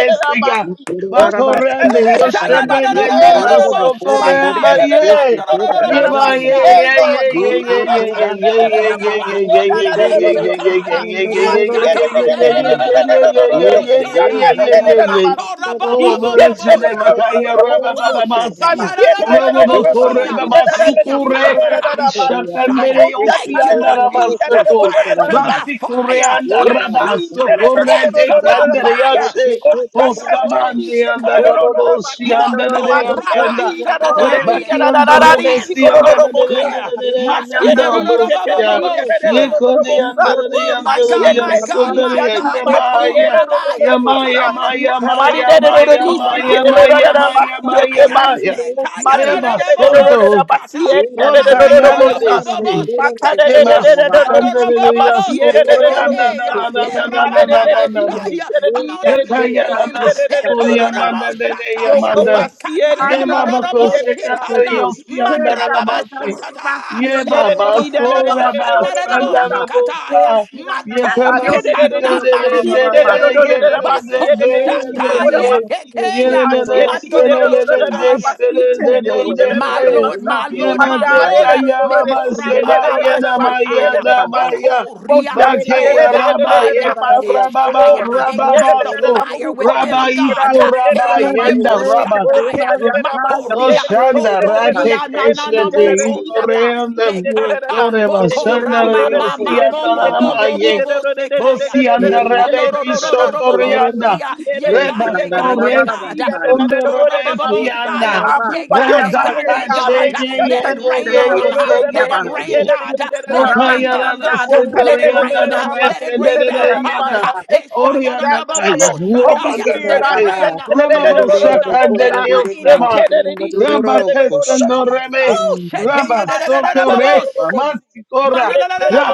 Speaker 1: Shaya da da da da da da da da boseya.
Speaker 2: Masiere,
Speaker 1: Mando da da da da mando
Speaker 2: Lord.
Speaker 4: Thank
Speaker 2: He
Speaker 1: bakora ba
Speaker 2: shed
Speaker 1: ba Shayadadadadadadadabosea. Mandadadadadabosia. Bakorababashatadabasa. Thank you,
Speaker 2: Mashiach,
Speaker 1: God. Thank you, God. da da da da da da da ba ba bo shata ya. Matora ba ba
Speaker 3: Oh,
Speaker 1: ba ba
Speaker 3: bless your
Speaker 1: ya,
Speaker 3: name.
Speaker 1: Dadadadadadadabababosataya. Matorababababoseke.
Speaker 3: Akaya raba
Speaker 1: Woo!
Speaker 3: baba basu.
Speaker 1: Sheteya.
Speaker 3: Robo boko reba
Speaker 1: Dadadadadadabosia.
Speaker 3: basu
Speaker 1: Thank you,
Speaker 3: kure.
Speaker 1: Father. Ah, yes, I, ah,
Speaker 3: Ishakandere yoshi
Speaker 1: Thank you,
Speaker 3: anda
Speaker 1: Lord God, ah, for
Speaker 3: rabaseto.
Speaker 1: answering by
Speaker 3: Basi kure
Speaker 1: fire.
Speaker 3: anda
Speaker 1: Ah,
Speaker 3: rabaso
Speaker 1: Shatta,
Speaker 3: kure
Speaker 1: Answer
Speaker 3: de
Speaker 1: by
Speaker 3: kandere
Speaker 1: fire.
Speaker 3: yashe.
Speaker 1: Shatta
Speaker 4: you.
Speaker 1: yorobobo
Speaker 3: Osabandi anda
Speaker 4: Yes,
Speaker 1: shikaya.
Speaker 3: raboshi anda de
Speaker 1: Moto raba
Speaker 3: yasanda.
Speaker 1: shatataye.
Speaker 3: Rebaki anda
Speaker 1: Who
Speaker 3: rebesi
Speaker 1: answer
Speaker 3: anda
Speaker 1: by
Speaker 3: de de anda
Speaker 1: fire?
Speaker 3: de de
Speaker 1: Mataya
Speaker 3: anda
Speaker 2: Masieredi,
Speaker 3: bosia.
Speaker 2: sheteredi, da da da da da
Speaker 1: rorobobobosha.
Speaker 2: da
Speaker 3: Yeko
Speaker 2: da
Speaker 3: de
Speaker 2: bosa.
Speaker 3: anda de
Speaker 1: Woo, my
Speaker 3: anda de
Speaker 1: God, my God,
Speaker 2: Masieredi,
Speaker 3: yasanda
Speaker 1: my
Speaker 2: shata
Speaker 3: de
Speaker 1: God. They told
Speaker 2: masiere,
Speaker 3: bahaya.
Speaker 2: da da
Speaker 1: Rabbi,
Speaker 2: da da
Speaker 1: come
Speaker 2: basa.
Speaker 3: Yamaya,
Speaker 1: on and
Speaker 3: Maya,
Speaker 1: pray.
Speaker 2: Mari
Speaker 1: huh?
Speaker 3: Maya,
Speaker 2: da da da da
Speaker 3: Maya,
Speaker 2: di,
Speaker 1: Bako
Speaker 2: shite
Speaker 3: Maya,
Speaker 2: da da da
Speaker 1: Rababa
Speaker 3: Maya,
Speaker 2: da da
Speaker 3: Maya,
Speaker 2: basie,
Speaker 3: Maya,
Speaker 2: ko
Speaker 1: Shataya.
Speaker 2: basi.
Speaker 3: Maya.
Speaker 1: Ekaya
Speaker 2: Mari di
Speaker 3: Eva
Speaker 2: da da da da
Speaker 1: Radarabobo
Speaker 2: da da
Speaker 3: Soto,
Speaker 1: Shikata.
Speaker 2: basie, te da da da da da
Speaker 1: Mandano
Speaker 3: Okayana
Speaker 2: bosa.
Speaker 3: de
Speaker 1: Robobo
Speaker 3: Si.
Speaker 2: Maka da da da
Speaker 1: Sheketeya.
Speaker 2: da da
Speaker 3: Yemasi,
Speaker 2: da da
Speaker 1: Ando
Speaker 3: Tandere,
Speaker 2: shika
Speaker 1: Robobo
Speaker 2: basie, da da
Speaker 3: Yasoto,
Speaker 2: da da da
Speaker 3: Yana, na,
Speaker 2: bosa.
Speaker 1: Sheketeya.
Speaker 3: na, na, na,
Speaker 2: Ma da
Speaker 3: na,
Speaker 2: da
Speaker 3: na,
Speaker 2: da
Speaker 1: Erababa
Speaker 3: na, na,
Speaker 2: di,
Speaker 3: na.
Speaker 1: Shaya.
Speaker 2: shite da
Speaker 1: Come
Speaker 2: di,
Speaker 1: on
Speaker 2: da da
Speaker 1: and pray
Speaker 4: yes,
Speaker 2: di, da
Speaker 1: press
Speaker 2: da
Speaker 1: in.
Speaker 2: di,
Speaker 3: Yakayanada
Speaker 2: da da da da
Speaker 4: yes,
Speaker 2: da da
Speaker 4: yes.
Speaker 3: Sukuriananda
Speaker 1: Etororobo
Speaker 2: basi. Wo
Speaker 1: shataya.
Speaker 3: Yamanda
Speaker 2: basie, da
Speaker 3: Ye
Speaker 4: Anda
Speaker 2: di, da
Speaker 3: Baba
Speaker 4: ya
Speaker 2: di,
Speaker 1: Ekatayororobo
Speaker 2: da da
Speaker 4: posto
Speaker 2: da.
Speaker 3: Kosekandari
Speaker 4: sete.
Speaker 1: shikana. mandra
Speaker 4: Peda
Speaker 1: Mandrababa
Speaker 3: Yosiandarabasi
Speaker 4: utali basti
Speaker 1: shatata.
Speaker 2: My
Speaker 3: Ye
Speaker 4: yondo
Speaker 2: God,
Speaker 3: Baba
Speaker 4: loro kora
Speaker 1: Ekororobo
Speaker 3: Sora
Speaker 4: bakasta
Speaker 1: shanarabo
Speaker 4: ya ha.
Speaker 1: shikataya.
Speaker 3: Basandarabosa
Speaker 4: Pedi rana
Speaker 3: Ye Kama
Speaker 4: nazioni
Speaker 1: Matorikana
Speaker 4: loro kora
Speaker 3: Sikere
Speaker 4: loro
Speaker 1: mashekoto.
Speaker 4: basto.
Speaker 1: Bako
Speaker 4: Yenda ya
Speaker 1: shataya
Speaker 4: bahasti
Speaker 1: kekeya.
Speaker 4: koto loro
Speaker 1: Mandorobo
Speaker 4: kora.
Speaker 1: shataya.
Speaker 4: Move your way, move
Speaker 1: My
Speaker 4: your way,
Speaker 1: Lord,
Speaker 4: move
Speaker 1: my
Speaker 4: your
Speaker 1: Lord,
Speaker 4: way,
Speaker 1: my
Speaker 4: move
Speaker 3: Yemate
Speaker 4: my
Speaker 1: Lord,
Speaker 4: way.
Speaker 1: uh,
Speaker 3: Kayama
Speaker 4: Yondo
Speaker 3: Sema
Speaker 1: Mekorababa
Speaker 4: loro
Speaker 3: Yena Maya
Speaker 1: Shataya,
Speaker 4: kora baba.
Speaker 3: Lamaya
Speaker 1: Boko
Speaker 4: Interere
Speaker 3: Makeya
Speaker 4: basti
Speaker 1: Riasoya
Speaker 3: Rabba
Speaker 4: yondo
Speaker 1: Maya,
Speaker 4: loro
Speaker 3: Yeka
Speaker 4: kora.
Speaker 3: Rababa
Speaker 2: oh,
Speaker 1: Eshaya, ignite the
Speaker 3: Rababaso
Speaker 2: my
Speaker 1: fire
Speaker 2: move, Holy
Speaker 1: within
Speaker 3: Rabba
Speaker 1: them, God.
Speaker 3: Iko Rabba
Speaker 4: Your
Speaker 3: Yenda
Speaker 1: Hedebo
Speaker 2: Spirit.
Speaker 4: word, God,
Speaker 3: Rabba
Speaker 2: Oh,
Speaker 1: Shataya,
Speaker 4: everybody got tired. Your
Speaker 3: O
Speaker 4: word,
Speaker 1: Makoria
Speaker 3: Shanda Rate
Speaker 1: Sotoria Nanana
Speaker 3: Keshete
Speaker 1: Moko Sata,
Speaker 3: Ikoreandam
Speaker 1: Bekata,
Speaker 3: Ore
Speaker 1: Boko
Speaker 4: God,
Speaker 3: Bashanda
Speaker 1: Rama
Speaker 3: Riosi
Speaker 4: everybody.
Speaker 3: Andaramaye
Speaker 1: Mama Tekaya,
Speaker 3: Bosi
Speaker 1: yes, no, no, no,
Speaker 3: Andarabeki
Speaker 1: no, no, no, no,
Speaker 3: Shotorianda
Speaker 1: Yeshanororororobobosia. Yega,
Speaker 3: Reba
Speaker 1: yega, yega.
Speaker 3: Koresi Kondorabesti
Speaker 1: Matorababoshaya.
Speaker 3: Anda
Speaker 2: I move
Speaker 1: Yega,
Speaker 2: by your
Speaker 1: yega,
Speaker 3: Rada
Speaker 2: spirit,
Speaker 1: yega.
Speaker 3: Kashe
Speaker 1: Yegada.
Speaker 3: Ye
Speaker 1: Let
Speaker 3: Ye
Speaker 1: it
Speaker 3: Ye
Speaker 1: rain
Speaker 3: Ye
Speaker 1: on
Speaker 3: Ye
Speaker 1: them.
Speaker 3: Ye
Speaker 1: Let
Speaker 3: Ye
Speaker 1: it
Speaker 2: God.
Speaker 3: Ye
Speaker 2: Take
Speaker 1: rain,
Speaker 3: Ye
Speaker 1: God. Let it rain
Speaker 3: Mokayara
Speaker 1: down, God. Let it rain.
Speaker 3: Setorianda
Speaker 1: huh? Let it rain down, Father.
Speaker 3: Restetorianda
Speaker 4: Yes,
Speaker 2: over this
Speaker 3: Orianda Kaya
Speaker 2: atmosphere. Holy
Speaker 1: Yeshayadadababoshataya.
Speaker 3: Rabaka
Speaker 2: Spirit,
Speaker 1: Let it
Speaker 2: I
Speaker 3: Sete
Speaker 1: rain.
Speaker 2: shut
Speaker 1: huh? Let it
Speaker 3: Rababo
Speaker 1: rain. huh?
Speaker 3: Shaka
Speaker 1: Let it rain. huh?
Speaker 3: Deriosama Ramba
Speaker 4: Yes,
Speaker 3: Kesendoreme,
Speaker 1: Woo!
Speaker 3: Ramba Sokore,
Speaker 1: Shetayadadadadabosi.
Speaker 3: Mamatikora,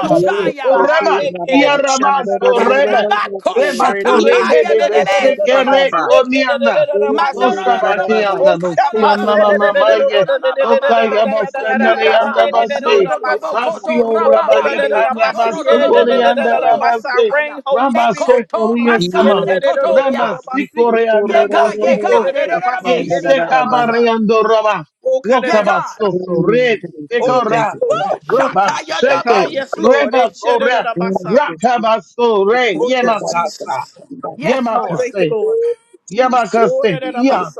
Speaker 4: Thank you.
Speaker 3: Sokorema,
Speaker 4: Thank
Speaker 3: Yarama Soreba,
Speaker 1: Herabako
Speaker 3: Reba kore de
Speaker 1: shetataya bebebese.
Speaker 3: Beshekere Koniana,
Speaker 2: Masi
Speaker 1: Mandorororobo
Speaker 3: Osabakianda,
Speaker 2: Oshapa
Speaker 3: Nosiana
Speaker 2: said,
Speaker 1: shikandalalalalabo siya
Speaker 3: Mamaye,
Speaker 1: dadalababa
Speaker 3: Okayamo
Speaker 1: yeko ya
Speaker 3: Senderianda
Speaker 1: baba.
Speaker 3: Bashi,
Speaker 1: Mandodobo koto
Speaker 3: Basio Rabagi
Speaker 1: rababa ye koto
Speaker 3: Karaba Sokorianda
Speaker 1: rororororobo
Speaker 3: Rabase,
Speaker 1: sitaya.
Speaker 2: Rain, Holy
Speaker 3: Ramba
Speaker 2: Spirit.
Speaker 1: Bekoto
Speaker 3: Sotoria
Speaker 1: rika
Speaker 3: Sama, Ramba
Speaker 1: sekotoya.
Speaker 3: Sikoreanda
Speaker 1: Yega
Speaker 3: Dasiko,
Speaker 1: yega
Speaker 3: Ye
Speaker 1: rererabo siya.
Speaker 3: sekabareando roba lokaba
Speaker 1: Yega.
Speaker 3: soto re
Speaker 2: Oh,
Speaker 4: you. Thank you. Thank
Speaker 3: dekora
Speaker 2: yes,
Speaker 4: you.
Speaker 2: Lord.
Speaker 1: Woo!
Speaker 3: roba
Speaker 1: Shataya
Speaker 4: Thank
Speaker 2: Ah,
Speaker 3: sheke
Speaker 2: yes,
Speaker 1: dabosi.
Speaker 2: Lord.
Speaker 3: reba kora
Speaker 4: you. Thank you.
Speaker 3: rakaba so re
Speaker 2: Oh, yes,
Speaker 3: yemakasa
Speaker 2: Jesus.
Speaker 4: Thank you.
Speaker 1: Yes,
Speaker 2: I
Speaker 1: Lord.
Speaker 2: thank you,
Speaker 3: yemakase
Speaker 2: Lord.
Speaker 4: Oh, Jesus.
Speaker 2: Oh,
Speaker 3: yemakase
Speaker 4: Holy,
Speaker 3: ya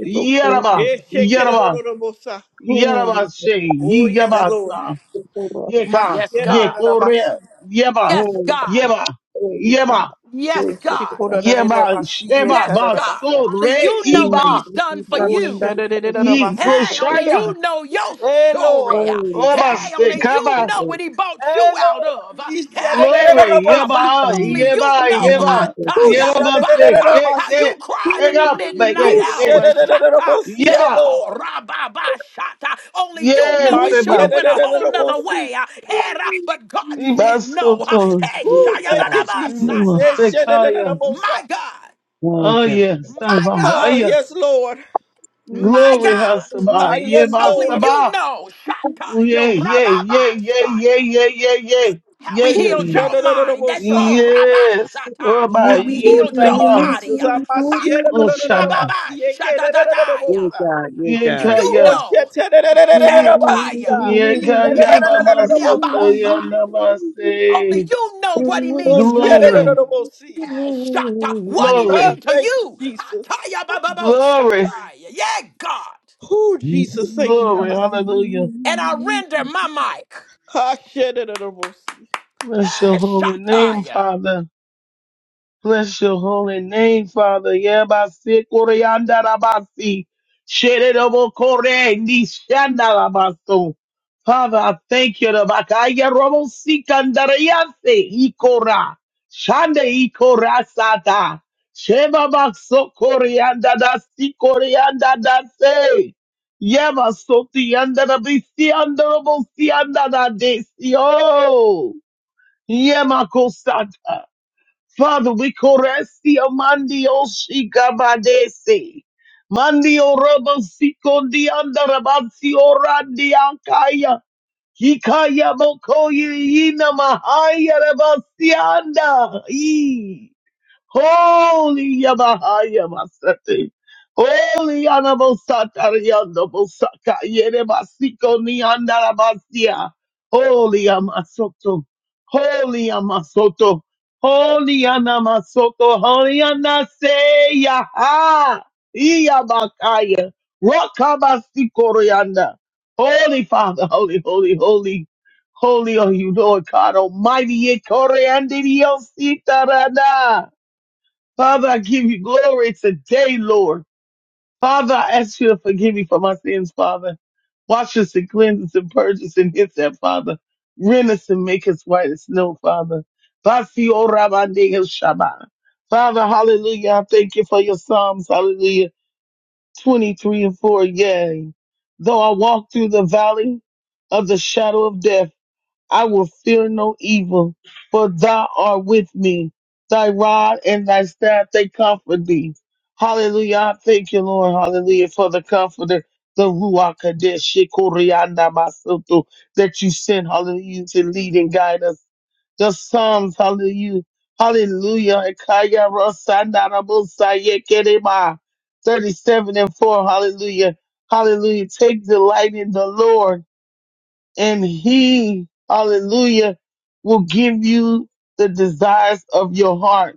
Speaker 3: yeraba
Speaker 2: yes,
Speaker 3: yeraba
Speaker 2: Lord.
Speaker 4: holy,
Speaker 3: yeraba she
Speaker 2: Oh, yes, Lord.
Speaker 3: yebasa
Speaker 4: holy
Speaker 2: da da da da da da da
Speaker 4: Father.
Speaker 3: yeka
Speaker 1: Yes, God.
Speaker 2: da da
Speaker 3: yekore
Speaker 2: basi,
Speaker 3: yeba
Speaker 1: Yes,
Speaker 4: Holy
Speaker 1: God.
Speaker 3: yeba yeba
Speaker 4: Father.
Speaker 1: Yes,
Speaker 4: holy
Speaker 1: God.
Speaker 4: Father.
Speaker 3: yeba
Speaker 2: basi,
Speaker 3: sheba
Speaker 2: yeta
Speaker 1: Yes,
Speaker 2: da da
Speaker 1: God.
Speaker 2: basa.
Speaker 3: baso
Speaker 1: Only
Speaker 3: re
Speaker 1: you know
Speaker 3: iba
Speaker 1: what he's done for
Speaker 2: Oh,
Speaker 1: you.
Speaker 2: shada da da da da basi,
Speaker 1: Hey, only
Speaker 3: yikoshaya
Speaker 1: you know your
Speaker 2: Hey,
Speaker 1: story.
Speaker 2: Lord.
Speaker 3: Oh my
Speaker 1: Hey,
Speaker 3: stick,
Speaker 1: only
Speaker 3: come
Speaker 1: you
Speaker 3: on,
Speaker 1: know what he bought you
Speaker 2: Hey,
Speaker 1: out of.
Speaker 2: Lord. Ishada
Speaker 1: Hey,
Speaker 2: da da da da
Speaker 3: glory,
Speaker 1: Shataba,
Speaker 2: basi.
Speaker 3: yeba,
Speaker 1: only you
Speaker 3: yeba,
Speaker 1: know
Speaker 3: yeba,
Speaker 1: Hataya
Speaker 3: yeba, my
Speaker 2: Ushada da da
Speaker 3: stick,
Speaker 2: da da
Speaker 1: Baka,
Speaker 3: it,
Speaker 1: how
Speaker 2: basi.
Speaker 1: you
Speaker 3: it,
Speaker 1: cried
Speaker 3: it
Speaker 1: in the
Speaker 3: up, make
Speaker 1: midnight
Speaker 3: it stick,
Speaker 1: hour.
Speaker 2: Ushada da da basi, basi, da da
Speaker 1: Shata
Speaker 2: basi, Hey,
Speaker 3: yeba,
Speaker 1: Beko
Speaker 2: Lord.
Speaker 1: Rababa Shata. Only you
Speaker 3: yes,
Speaker 1: know it should
Speaker 2: Mashera
Speaker 1: have
Speaker 3: yeba,
Speaker 2: da
Speaker 1: went a
Speaker 2: da da
Speaker 1: whole
Speaker 2: da
Speaker 1: nother
Speaker 2: basi,
Speaker 1: way. Hera, but God
Speaker 3: yeba,
Speaker 1: said no.
Speaker 3: soto,
Speaker 1: Hey,
Speaker 2: Ooh, thank you,
Speaker 1: Shayadadaba
Speaker 2: Jesus.
Speaker 3: yeba,
Speaker 2: Hey,
Speaker 1: Sata.
Speaker 2: shada da da da
Speaker 3: sikaya,
Speaker 1: My
Speaker 2: Esharararabosa.
Speaker 1: God.
Speaker 3: oh yeah,
Speaker 1: My
Speaker 3: saba, oh
Speaker 2: Ah,
Speaker 1: God.
Speaker 3: yeah,
Speaker 2: yes, Lord.
Speaker 1: My
Speaker 3: glory,
Speaker 1: God,
Speaker 2: Ah,
Speaker 3: hasaba,
Speaker 2: yes,
Speaker 3: yeba,
Speaker 1: only
Speaker 2: Lord.
Speaker 1: you
Speaker 3: saba,
Speaker 1: know, Shata,
Speaker 3: yeah,
Speaker 1: yo,
Speaker 3: yeah, yeah, yeah, yeah,
Speaker 1: Rababasaya,
Speaker 3: yeah, yeah, yeah,
Speaker 1: how
Speaker 3: yeah,
Speaker 1: he
Speaker 3: yeah,
Speaker 2: Ooh,
Speaker 1: healed
Speaker 4: Thank you.
Speaker 1: your mind, that
Speaker 2: sharararabosa.
Speaker 1: told
Speaker 3: yes,
Speaker 1: Rabashata,
Speaker 3: oh
Speaker 4: you
Speaker 3: my,
Speaker 1: how he
Speaker 2: Ooh,
Speaker 1: healed
Speaker 2: thank
Speaker 1: your
Speaker 2: you,
Speaker 3: yetaba,
Speaker 1: body,
Speaker 2: Jesus.
Speaker 3: oh
Speaker 1: Pato
Speaker 3: shaba,
Speaker 1: Rababashatataya.
Speaker 2: Amashiedodododododomasiekedededededebosa.
Speaker 4: God, you
Speaker 1: Only
Speaker 4: God.
Speaker 1: you
Speaker 3: yekaya,
Speaker 1: know,
Speaker 2: Oshietededededededobosi,
Speaker 1: Chetaya,
Speaker 2: God.
Speaker 3: Yekaya
Speaker 1: Meko
Speaker 3: Baba Soto
Speaker 2: Ishiededededededobosa.
Speaker 1: Rabasa. Only
Speaker 3: Yanabase.
Speaker 1: you know what he means to you.
Speaker 3: Glory,
Speaker 2: Oshiededededobosi.
Speaker 1: Hey, Shata, what he
Speaker 2: Ah,
Speaker 3: glory,
Speaker 1: means to
Speaker 2: Thank you,
Speaker 1: you.
Speaker 2: Jesus.
Speaker 1: Hataya Bababo
Speaker 3: glory,
Speaker 1: Shataya. Yeah, God.
Speaker 2: Oh, Jesus, thank you,
Speaker 3: glory.
Speaker 2: God.
Speaker 3: Hallelujah.
Speaker 1: And I render my mic.
Speaker 2: Ashiededededobosi.
Speaker 3: Bless your
Speaker 1: Yes,
Speaker 3: holy name,
Speaker 1: Shataya.
Speaker 3: Father. Bless your holy name, Father. Yabasi koryanda rabasi. Shererobo kore ni shanda rabaso. Father, I thank you. Rabakaya robo sikandarayase ikora. Shanda ikora sata. Sheba bakso koryanda dasi koryanda dase. Yeba soti yanda rabisi yanda robo si yanda da desi. Oh. Yema kosata. Father, we corresti amandi o shikabadesi. Mandi o robo sikondi andarabasi o randi ankaya. Hikaya mokoye ina mahaya rabasi anda. Holy Yamahaya Masate. Holy Anabosatariando Bosaka Yerebasiko Niandarabasia. Holy Amasoto. Holy Amasoto. Holy Anamasoto. Holy Anaseya. Iyabakaya. Rakabastikorianda. Holy Father, holy, holy, holy. Holy are you, Lord God Almighty. Ekoreandidiosita Father, I give you glory today, Lord. Father, I ask you to forgive me for my sins, Father. Wash us and cleanse us and purge us and hit that, Father. Rend us and make us white as snow, Father. Vasi ora bandega shaba. Father, hallelujah. I thank you for your Psalms, hallelujah. 23 and 4, yay. Though I walk through the valley of the shadow of death, I will fear no evil, for thou art with me. Thy rod and thy staff, they comfort thee. Hallelujah. I Thank you, Lord. Hallelujah. For the comforter, the Ruach Kadesh, Shikorianda Masutu, that you sent, hallelujah, to lead and guide us. The Psalms, hallelujah. Hallelujah. Ekaya Rosanda Rabusaye Kerema. 37 and 4. Hallelujah. Hallelujah. Take delight in the Lord and he, hallelujah, will give you the desires of your heart.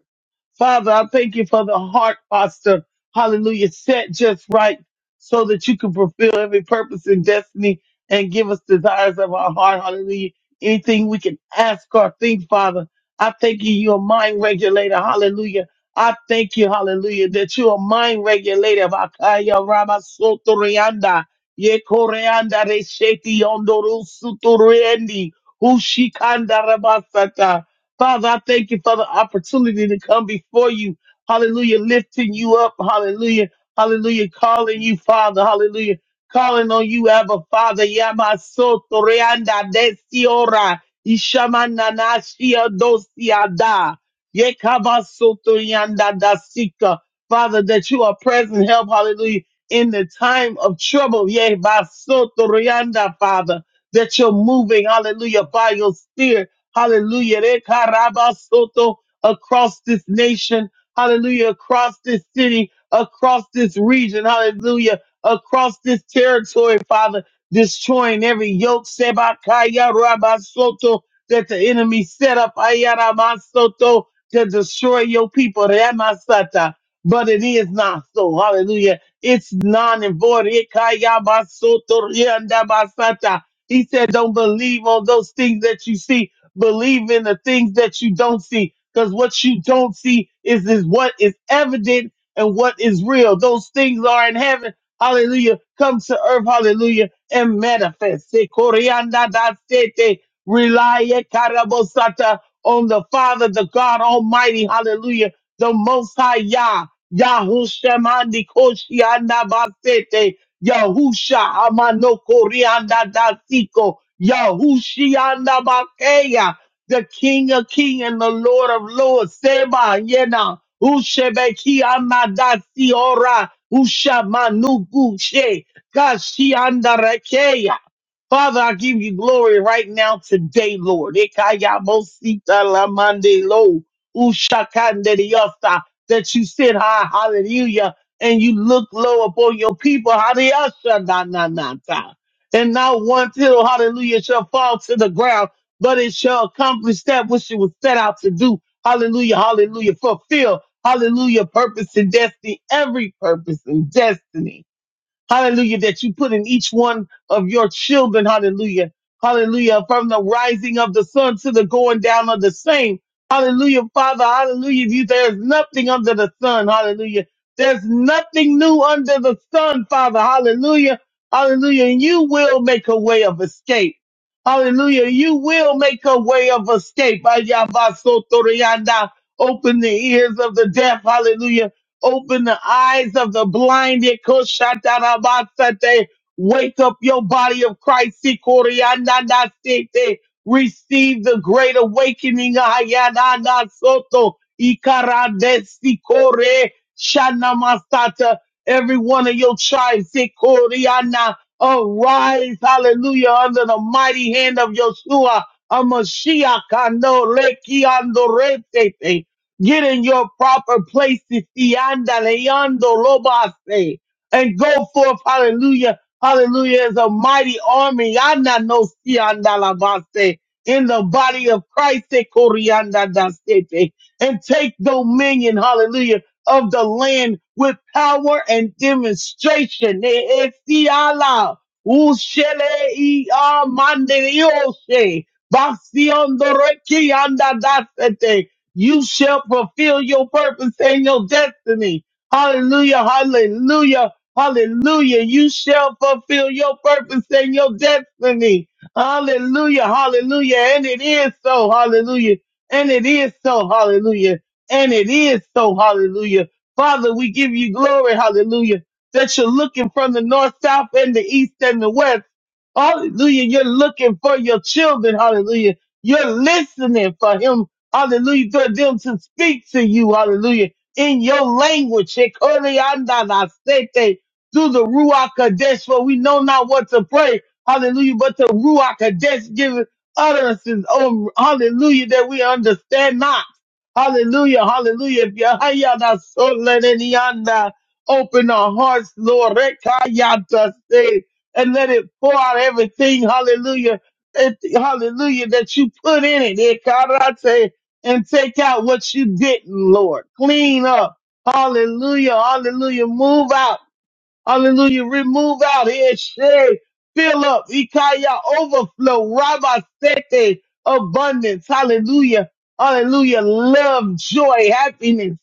Speaker 3: Father, I thank you for the heart posture. Hallelujah. Set just right so that you can fulfill every purpose and destiny and give us desires of our heart. Hallelujah. Anything we can ask or think, Father. I thank you. You're a mind regulator. Hallelujah. I thank you. Hallelujah. That you're a mind regulator. Vakaya raba soto rianda. Ye koreanda resheti yondoru sutu riendi. Ushikanda rabasata. Father, I thank you for the opportunity to come before you. Hallelujah. Lifting you up. Hallelujah. Hallelujah. Calling you, Father. Hallelujah. Calling on you, Abba, Father. Yamaso toreanda desiora. Ishamananashia dosiada. Yekabaso toreanda dasika. Father, that you are present help. Hallelujah. In the time of trouble. Yebaso toreanda, Father. That you're moving. Hallelujah. By your spirit. Hallelujah. Rekarabasoto, Across this nation. Hallelujah. Across this city. Across this region. Hallelujah. Across this territory, Father. Destroying every yoke. Sebakaya rabasoto that the enemy set up Ayaramasoto to destroy your people. Ramasata. But it is not so. Hallelujah. It's non and void. Ikayabasoto riandabasata. He said, Don't believe on those things that you see Believe in the things that you don't see, because what you don't see is, is what is evident and what is real. Those things are in heaven. Hallelujah. Come to earth. Hallelujah. And manifest. Se corianda da sete. Rely e carabosata on the Father, the God Almighty. Hallelujah. The Most High Yah. Yahushemandi Koshianda Basete. Yahusha Hamano Korianda Dasiko Yahushianda Bakeya, the King of King and the Lord of Lords, Seba Yena, Ushebeki Amadasi Ora, Usha Manuguche, Kashianda Rekeya. Father, I give you glory right now today, Lord. Ekaya Mosita Lamande Lo, Ushakande Diosa, that you sit high, hallelujah and you look low upon your people, hallelujah, shall not, not, not die. And not one tittle, hallelujah, shall fall to the ground, but it shall accomplish that which it was set out to do. Hallelujah, hallelujah, fulfill, hallelujah, purpose and destiny, every purpose and destiny hallelujah, that you put in each one of your children, hallelujah, hallelujah, from the rising of the sun to the going down of the same, hallelujah, Father, hallelujah, you, there's nothing under the sun, hallelujah, there's nothing new under the sun, Father, hallelujah, hallelujah, and you will make a way of escape. Hallelujah. You will make a way of escape. Ayabasotorianda. Open the ears of the deaf. Hallelujah Open the eyes of the blinded. Koshatarabasate. Wake up your body of Christ. Sikorianandasete. Receive the great awakening. Ayananasoto. Ikarandesikore. Shanamasata. Every one of your tribes. Sikoriana. Arise, hallelujah, under the mighty hand of Yeshua, a Mashiach, no, Get in your proper places, Tianda Leando Lobase, and go forth, hallelujah, hallelujah, as a mighty army, Yanda no Tianda Labase, in the body of Christ, eh, Corianda da Sete, and take dominion, hallelujah, of the land with power and demonstration. Eh, eh, Tiala, Ushele i Amande Dioshe, Basiondo Rekianda da Sete, you shall fulfill your purpose and your destiny. Hallelujah, hallelujah, hallelujah. You shall fulfill your purpose and your destiny. Hallelujah, hallelujah. And it is so, hallelujah. And it is so, hallelujah. And it is so, hallelujah. Father, we give you glory, hallelujah, that you're looking from the north, south, and the east and the west. Hallelujah. You're looking for your children. Hallelujah. You're listening for him. Hallelujah. For them to speak to you. Hallelujah. In your language. Shekoriandabasete, Through the Ruach Kadesh, for we know not what to pray. Hallelujah. But the Ruach Kadesh gives utterances. Oh, hallelujah. That we understand not. Hallelujah. Hallelujah. Yahayandasolelenianda. Open our hearts, Lord. Rekayatase, And let it pour out everything. Hallelujah. It- hallelujah, that you put in it. It karate and take out what you didn't, Lord. Clean up. Hallelujah. Hallelujah. Move out. Hallelujah. Remove out here, Shay, fill up, Ikaya, overflow, Rabba Sete, abundance. Hallelujah. Hallelujah. Love, joy, happiness.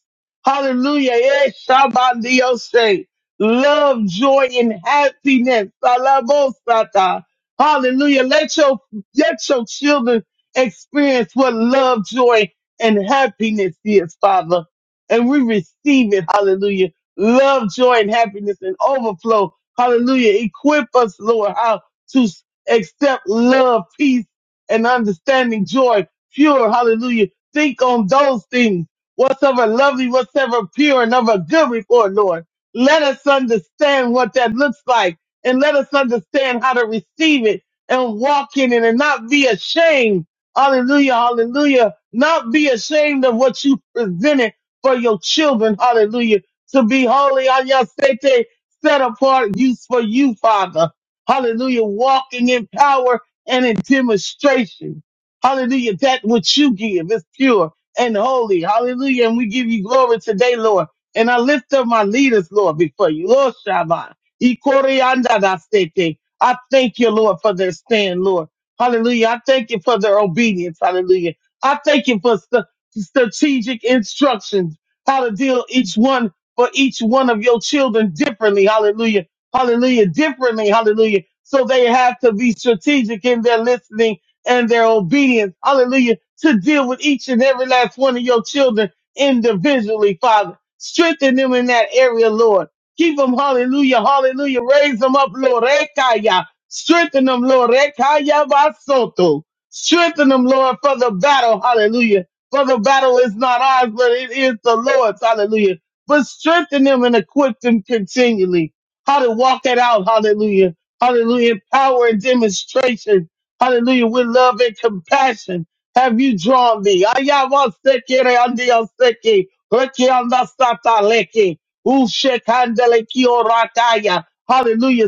Speaker 3: Hallelujah. Eh, Shabbat Dioshe. Love, joy, and happiness. Alabosata. Hallelujah. Let your, let your children experience what love, joy, and happiness is, Father. And we receive it. Hallelujah love, joy, and happiness and overflow. Hallelujah. Equip us, Lord, how to s- accept love, peace, and understanding, joy, pure. Hallelujah. Think on those things, whatsoever lovely, whatsoever pure, and of a good report, Lord. Let us understand what that looks like and let us understand how to receive it and walk in it and not be ashamed. Hallelujah. Hallelujah. Not be ashamed of what you presented for your children. Hallelujah to be holy on your sete, set apart use for you, Father. Hallelujah. Walking in power and in demonstration. Hallelujah. That which you give is pure and holy. Hallelujah. And we give you glory today, Lord. And I lift up my leaders, Lord, before you. Lord Shabbat. Ikoriandadasete. I thank you, Lord, for their stand, Lord. Hallelujah. I thank you for their obedience. Hallelujah. I thank you for st- strategic instructions, how to deal each one for each one of your children differently. Hallelujah. Hallelujah. Differently. Hallelujah. So they have to be strategic in their listening and their obedience. Hallelujah. To deal with each and every last one of your children individually, Father. Strengthen them in that area, Lord. Keep them, hallelujah, hallelujah. Raise them up, Lord. Rekaya. Strengthen them, Lord. Rekaya basoto. Strengthen them, Lord, for the battle. Hallelujah. For the battle is not ours, but it is the Lord's. Hallelujah but strengthen them and equip them continually. How to walk that out. Hallelujah. Hallelujah. Power and demonstration. Hallelujah. With love and compassion have you drawn me. Ayahuaseke reandioseke, rekiandasataleke, ushekandeleki orakaya. Hallelujah.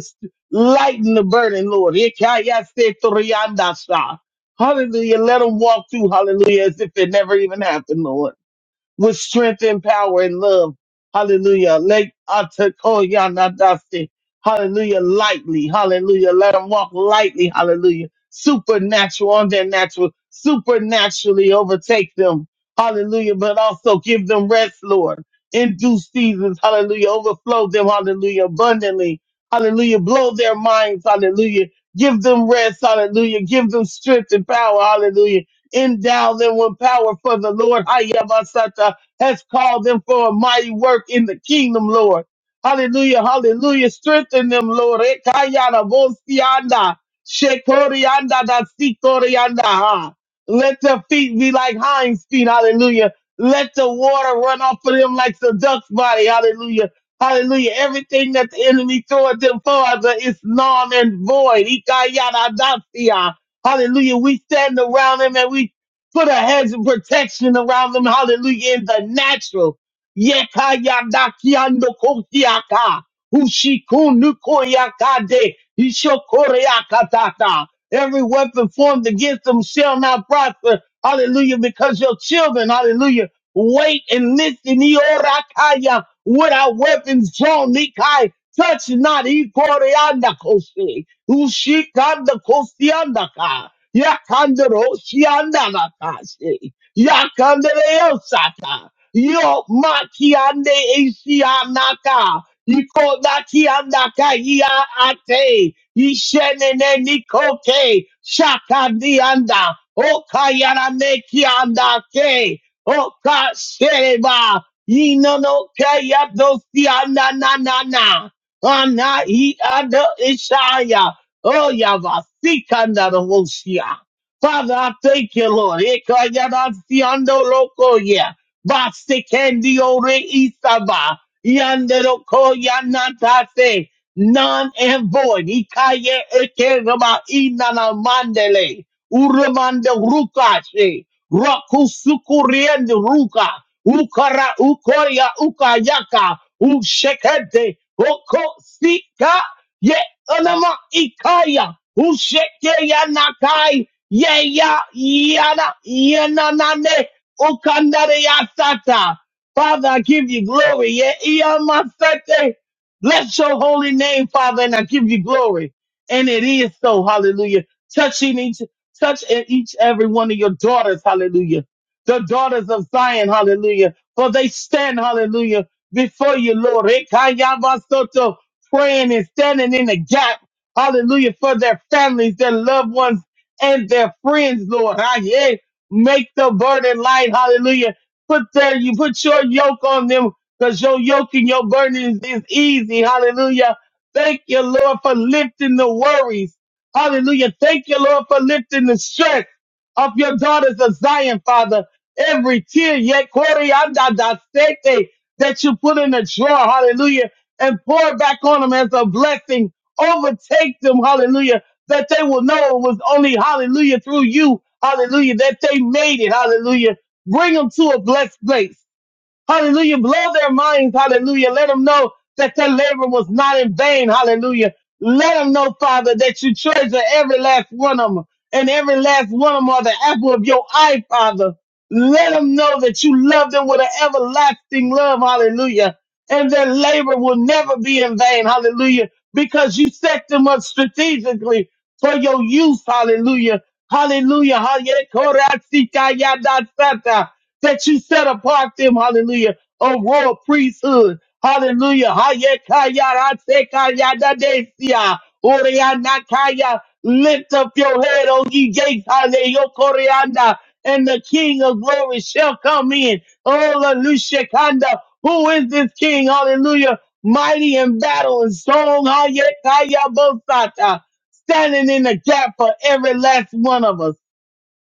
Speaker 3: Lighten the burden, Lord. Ikayasetoriandasa. Hallelujah. Let them walk through. Hallelujah. As if it never even happened, Lord with strength and power and love. Hallelujah. Let Atakoyanadasi. Hallelujah. Lightly. Hallelujah. Let them walk lightly. Hallelujah. Supernatural on their natural. Supernaturally overtake them. Hallelujah. But also give them rest, Lord. In due seasons. Hallelujah. Overflow them. Hallelujah. Abundantly. Hallelujah. Blow their minds. Hallelujah. Give them rest. Hallelujah. Give them strength and power. Hallelujah endow them with power for the Lord Hayabasata has called them for a mighty work in the kingdom, Lord. Hallelujah, hallelujah. Strengthen them, Lord. Ekayana vosianda, shekorianda da sikorianda, ha. Let their feet be like hinds feet, hallelujah. Let the water run off of them like the duck's body, hallelujah. Hallelujah. Everything that the enemy throw at them, Father, is non and void. Ikayana dasia. Hallelujah. We stand around them and we put a hedge of protection around them. Hallelujah. In the natural. Yeka yada kokiaka. Ushikunu Ishokoreakatata. Every weapon formed against them shall not prosper. Hallelujah. Because your children, hallelujah, wait and listen. Iorakaya. Without weapons drawn, Nikai, touch not. Ikoreanda Ushikanda kosiandaka. Yakandero shiandalakase. Yakandereo sata. Yo makiande ishianaka. Iko nakiandaka ya ate. Ishenene nikoke. Shakandianda. Okayarane kiandake. Okashereba. Inono kaya dosianda na na na. Ana i ada ishaya. Oh, Yavasikandarabosia. Father, I thank you, Lord. Ekayarasiando loko ya. Vasikendio ore isaba. Yanderoko yanatate. None and void. Ikaye ekerama inana mandele. Urumande rukache. Rakusukuriende ruka. Ukara ukoria ukayaka. Ushekete. Oko sika. Anama Ikaya, Ushekeya Nakai, Yeya Yana Yananane, Ukandare Yasata. Father, I give you glory. Ye Iyamasate. Bless your holy name, Father, and I give you glory. And it is so, hallelujah. Touching each, touch in each every one of your daughters, hallelujah. The daughters of Zion, hallelujah. For they stand, hallelujah, before you, Lord praying and standing in the gap. Hallelujah. For their families, their loved ones, and their friends, Lord. Ah, yeah. Make the burden light. Hallelujah. Put their, you put your yoke on them because your yoke and your burden is, is easy. Hallelujah. Thank you, Lord, for lifting the worries. Hallelujah. Thank you, Lord, for lifting the stress of your daughters of Zion, Father. Every tear, yet, Corey, that you put in the drawer. Hallelujah and pour it back on them as a blessing. Overtake them, hallelujah, that they will know it was only, hallelujah, through you, hallelujah, that they made it, hallelujah. Bring them to a blessed place. Hallelujah. Blow their minds. Hallelujah. Let them know that their labor was not in vain. Hallelujah. Let them know, Father, that you treasure every last one of them and every last one of them are the apple of your eye, Father. Let them know that you love them with an everlasting love. Hallelujah. And their labor will never be in vain. Hallelujah. Because you set them up strategically for your use. Hallelujah. Hallelujah. Hallelujah. Korasitayadasata. That you set apart them. Hallelujah. A royal priesthood. Hallelujah. Hayekayarasekayadadesia. Oreanakaya. Lift up your head, O ye gates. Hallelujah. Koreanda. And the King of glory shall come in. Hallelujah. Kanda. Who is this King? Hallelujah mighty in battle and strong. Hayekaya standing in the gap for every last one of us.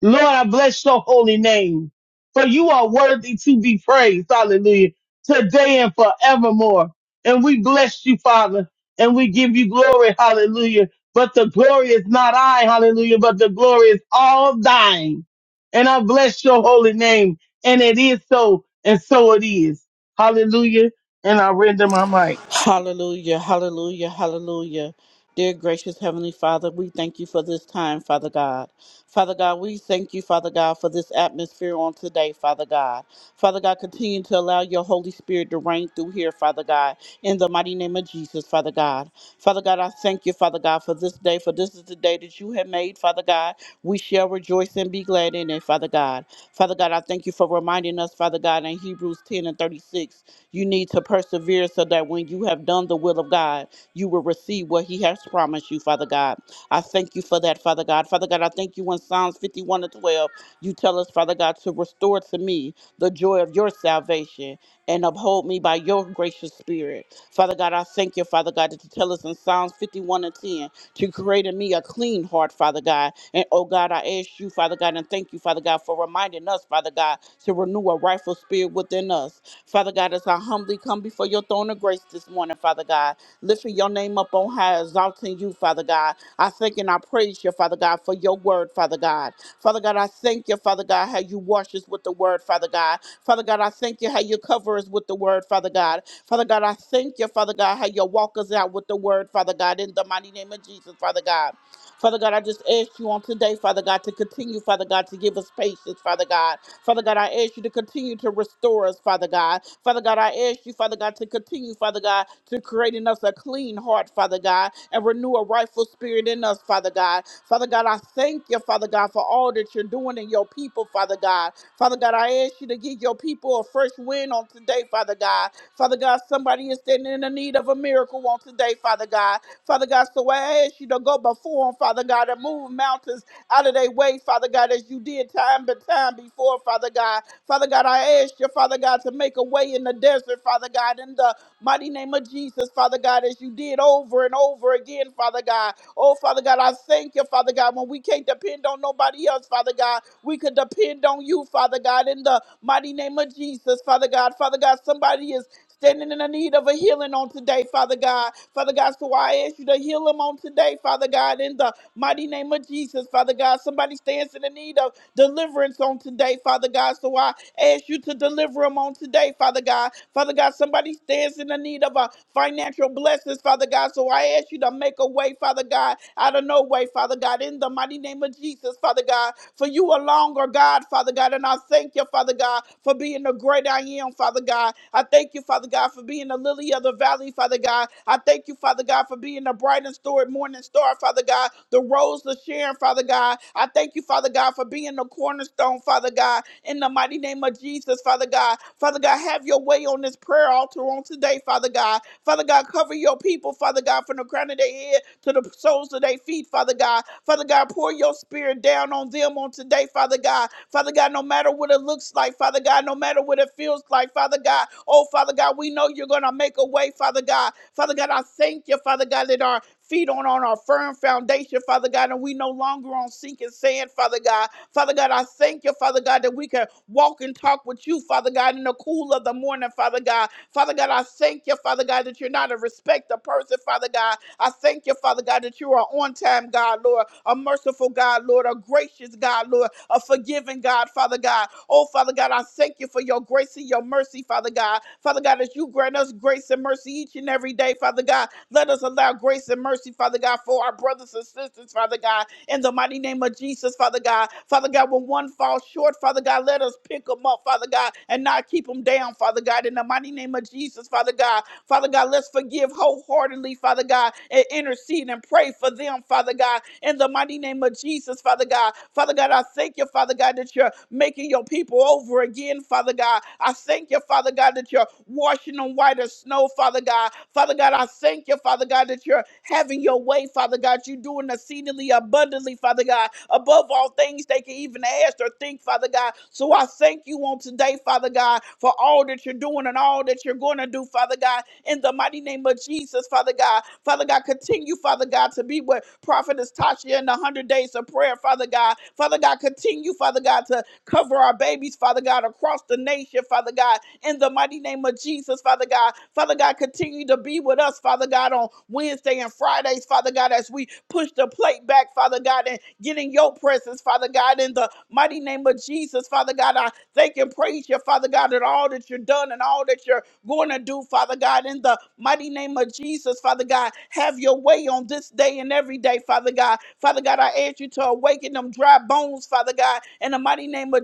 Speaker 3: Lord, I bless your holy name, for you are worthy to be praised. Hallelujah. Today and forevermore. And we bless you, Father, and we give you glory. Hallelujah. But the glory is not I, hallelujah, but the glory is all thine. And I bless your holy name. And it is so, and so it is. Hallelujah. And I render my mic.
Speaker 2: Hallelujah, hallelujah, hallelujah. Dear gracious Heavenly Father, we thank you for this time, Father God. Father God, we thank you, Father God, for this atmosphere on today, Father God. Father God, continue to allow your Holy Spirit to reign through here, Father God, in the mighty name of Jesus, Father God. Father God, I thank you, Father God, for this day, for this is the day that you have made, Father God. We shall rejoice and be glad in it, Father God. Father God, I thank you for reminding us, Father God, in Hebrews 10 and 36 you need to persevere so that when you have done the will of God, you will receive what He has promised you, Father God. I thank you for that, Father God. Father God, I thank you in Psalms 51 and 12. You tell us, Father God, to restore to me the joy of your salvation and uphold me by your gracious spirit. Father God, I thank you, Father God, that you tell us in Psalms 51 and 10 to create in me a clean heart, Father God. And oh God, I ask you, Father God, and thank you, Father God, for reminding us, Father God, to renew a rightful spirit within us. Father God, as I humbly come before your throne of grace this morning, Father God, lifting your name up on high, exalting you, Father God. I thank and I praise you, Father God, for your word, Father God. Father God, I thank you, Father God, how you wash us with the word, Father God. Father God, I thank you how you cover us with the word, Father God. Father God, I thank you, Father God, how you walk us out with the word, Father God, in the mighty name of Jesus, Father God. Father God, I just ask you on today, Father God, to continue, Father God, to give us patience, Father God. Father God, I ask you to continue to restore us, Father God. Father God, I ask you, Father God, to continue, Father God, to create in us a clean heart, Father God, and renew a rightful spirit in us, Father God. Father God, I thank you, Father God, for all that you're doing in your people, Father God. Father God, I ask you to give your people a fresh win on today, Father God. Father God, somebody is standing in the need of a miracle on today, Father God. Father God, so I ask you to go before them, Father God, and move mountains out of their way, Father God, as you did time but time before, Father God. Father God, I ask you, Father God, to make a way in the desert, Father God, in the mighty name of Jesus, Father God, as you did over and over again, Father God. Oh, Father God, I thank you, Father God, when we can't depend on nobody else, Father God, we could depend on you, Father God, in the mighty name of Jesus, Father God. Father God, somebody is standing in the need of a healing on today, Father God. Father God, so I ask you to heal them on today, Father God, in the mighty name of Jesus, Father God. Somebody stands in the need of deliverance on today, Father God. So I ask you to deliver them on today, Father God. Father God, somebody stands in the need of a financial blessings, Father God. So I ask you to make a way, Father God, out of no way, Father God, in the mighty name of Jesus, Father God. For you are longer, God, Father God. And I thank you, Father God, for being the great I am, Father God. I thank you, Father God, for being the lily of the valley, Father God. I thank you, Father God, for being the bright and stored morning star, Father God, the rose of Sharon, Father God. I thank you, Father God, for being the cornerstone, Father God, in the mighty name of Jesus, Father God. Father God, have your way on this prayer altar on today, Father God. Father God, cover your people, Father God, from the crown of their head to the soles of their feet, Father God. Father God, pour your spirit down on them on today, Father God. Father God, no matter what it looks like, Father God, no matter what it feels like, Father God. Oh, Father God, we know you're going to make a way, Father God. Father God, I thank you, Father God, that our feet on, on our firm foundation, Father God, and we no longer on sinking sand, Father God. Father God, I thank you, Father God, that we can walk and talk with you, Father God, in the the cool of the morning, Father God. Father God, I thank you, Father God, that you're not a respecter person, Father God. I thank you, Father God, that you are on time, God, Lord, a merciful God, Lord, a gracious God, Lord, a forgiving God, Father God. Oh, Father God, I thank you for your grace and your mercy, Father God. Father God, as you grant us grace and mercy each and every day, Father God, let us allow grace and mercy, Father God, for our brothers and sisters, Father God in the mighty name of Jesus, Father God. Father God, when one falls short, Father God, let us pick them up, Father God, and not keep them down, Father God, in the mighty name of Jesus, Father God. Father God, let's forgive wholeheartedly, Father God, and intercede and pray for them, Father God, in the mighty name of Jesus, Father God. Father God, I thank you, Father God, that you're making your people over again, Father God. I thank you, Father God, that you're washing them white as snow, Father God. Father God, I thank you, Father God, that you're having your way, Father God. You do doing exceedingly abundantly, Father God, above all things they can even ask or think, Father God. So I thank you on today, Father God, for all that you're doing and all that you're going to do, Father God, in the mighty name of Jesus, Father God. Father God, continue, Father God, to be with Prophetess Tasha in the 100 days of prayer, Father God. Father God, continue, Father God, to Cover our babies, Father God, across the nation, Father God, in the mighty name of Jesus, Father God. Father God, continue to be with us, Father God, on Wednesday and Fridays, Father God, as we push the plate back, Father God, and get in your presence, Father God, in the mighty name of Jesus, Father God. I thank and praise you, Father God, at all that you're done and all that you're going to do, Father God, in the mighty name of Jesus, Father God. Have your way on this day and every day, Father God. Father God, I ask you to awaken them dry bones, Father God, in the mighty name name of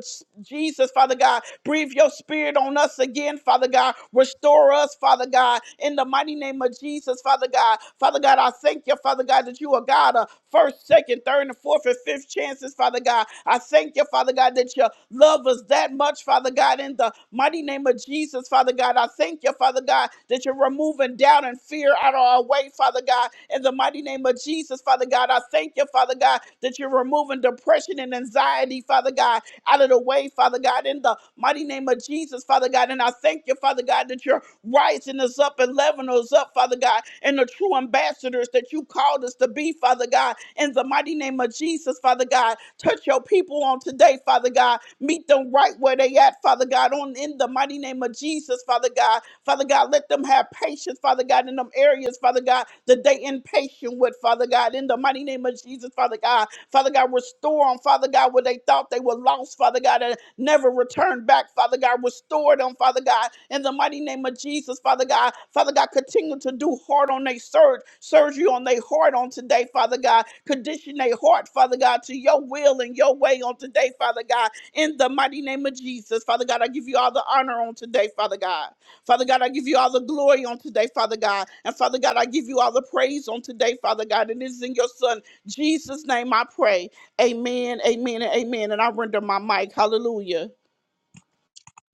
Speaker 2: Jesus, Father God. Breathe your spirit on us again, Father God. Restore us, Father God, in the mighty name of Jesus, Father God. Father God, I thank you, Father God, that you are God of first, second, third, and fourth, and fifth chances, Father God. I thank you, Father God, that you love us that much, Father God, in the mighty name of Jesus, Father God. I thank you, Father God, that you're removing doubt and fear out of our way, Father God, in the mighty name of Jesus, Father God. I thank you, Father God, that you're removing depression and anxiety, Father God, out of the way, Father God, in the mighty name of Jesus, Father God. And I thank you, Father God, that you're rising us up and leveling us up, Father God, and the true ambassadors that you called us to be, Father God, in the mighty name of Jesus, Father God. Touch your people on today, Father God. Meet them right where they at, Father God, on in the mighty name of Jesus, Father God. Father God, let them have patience, Father God, in them areas, Father God, that they impatient with, Father God, in the mighty name of Jesus, Father God. Father God, restore them, Father God, where they thought they were lost, Father God, and never returned back, Father God, restore them, Father God, in the mighty name of Jesus, Father God. Father God, continue to do hard on their surge, surgery on their heart on today, Father God. Condition their heart, Father God, to your will and your way on today, Father God, in the mighty name of Jesus, Father God. I give you all the honor on today, Father God. Father God, I give you all the glory on today, Father God. And Father God, I give you all the praise on today, Father God. And it is in your Son. Jesus' name I pray. Amen, amen, and amen. And I render my mic. Hallelujah.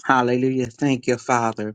Speaker 4: Hallelujah. Thank you, Father.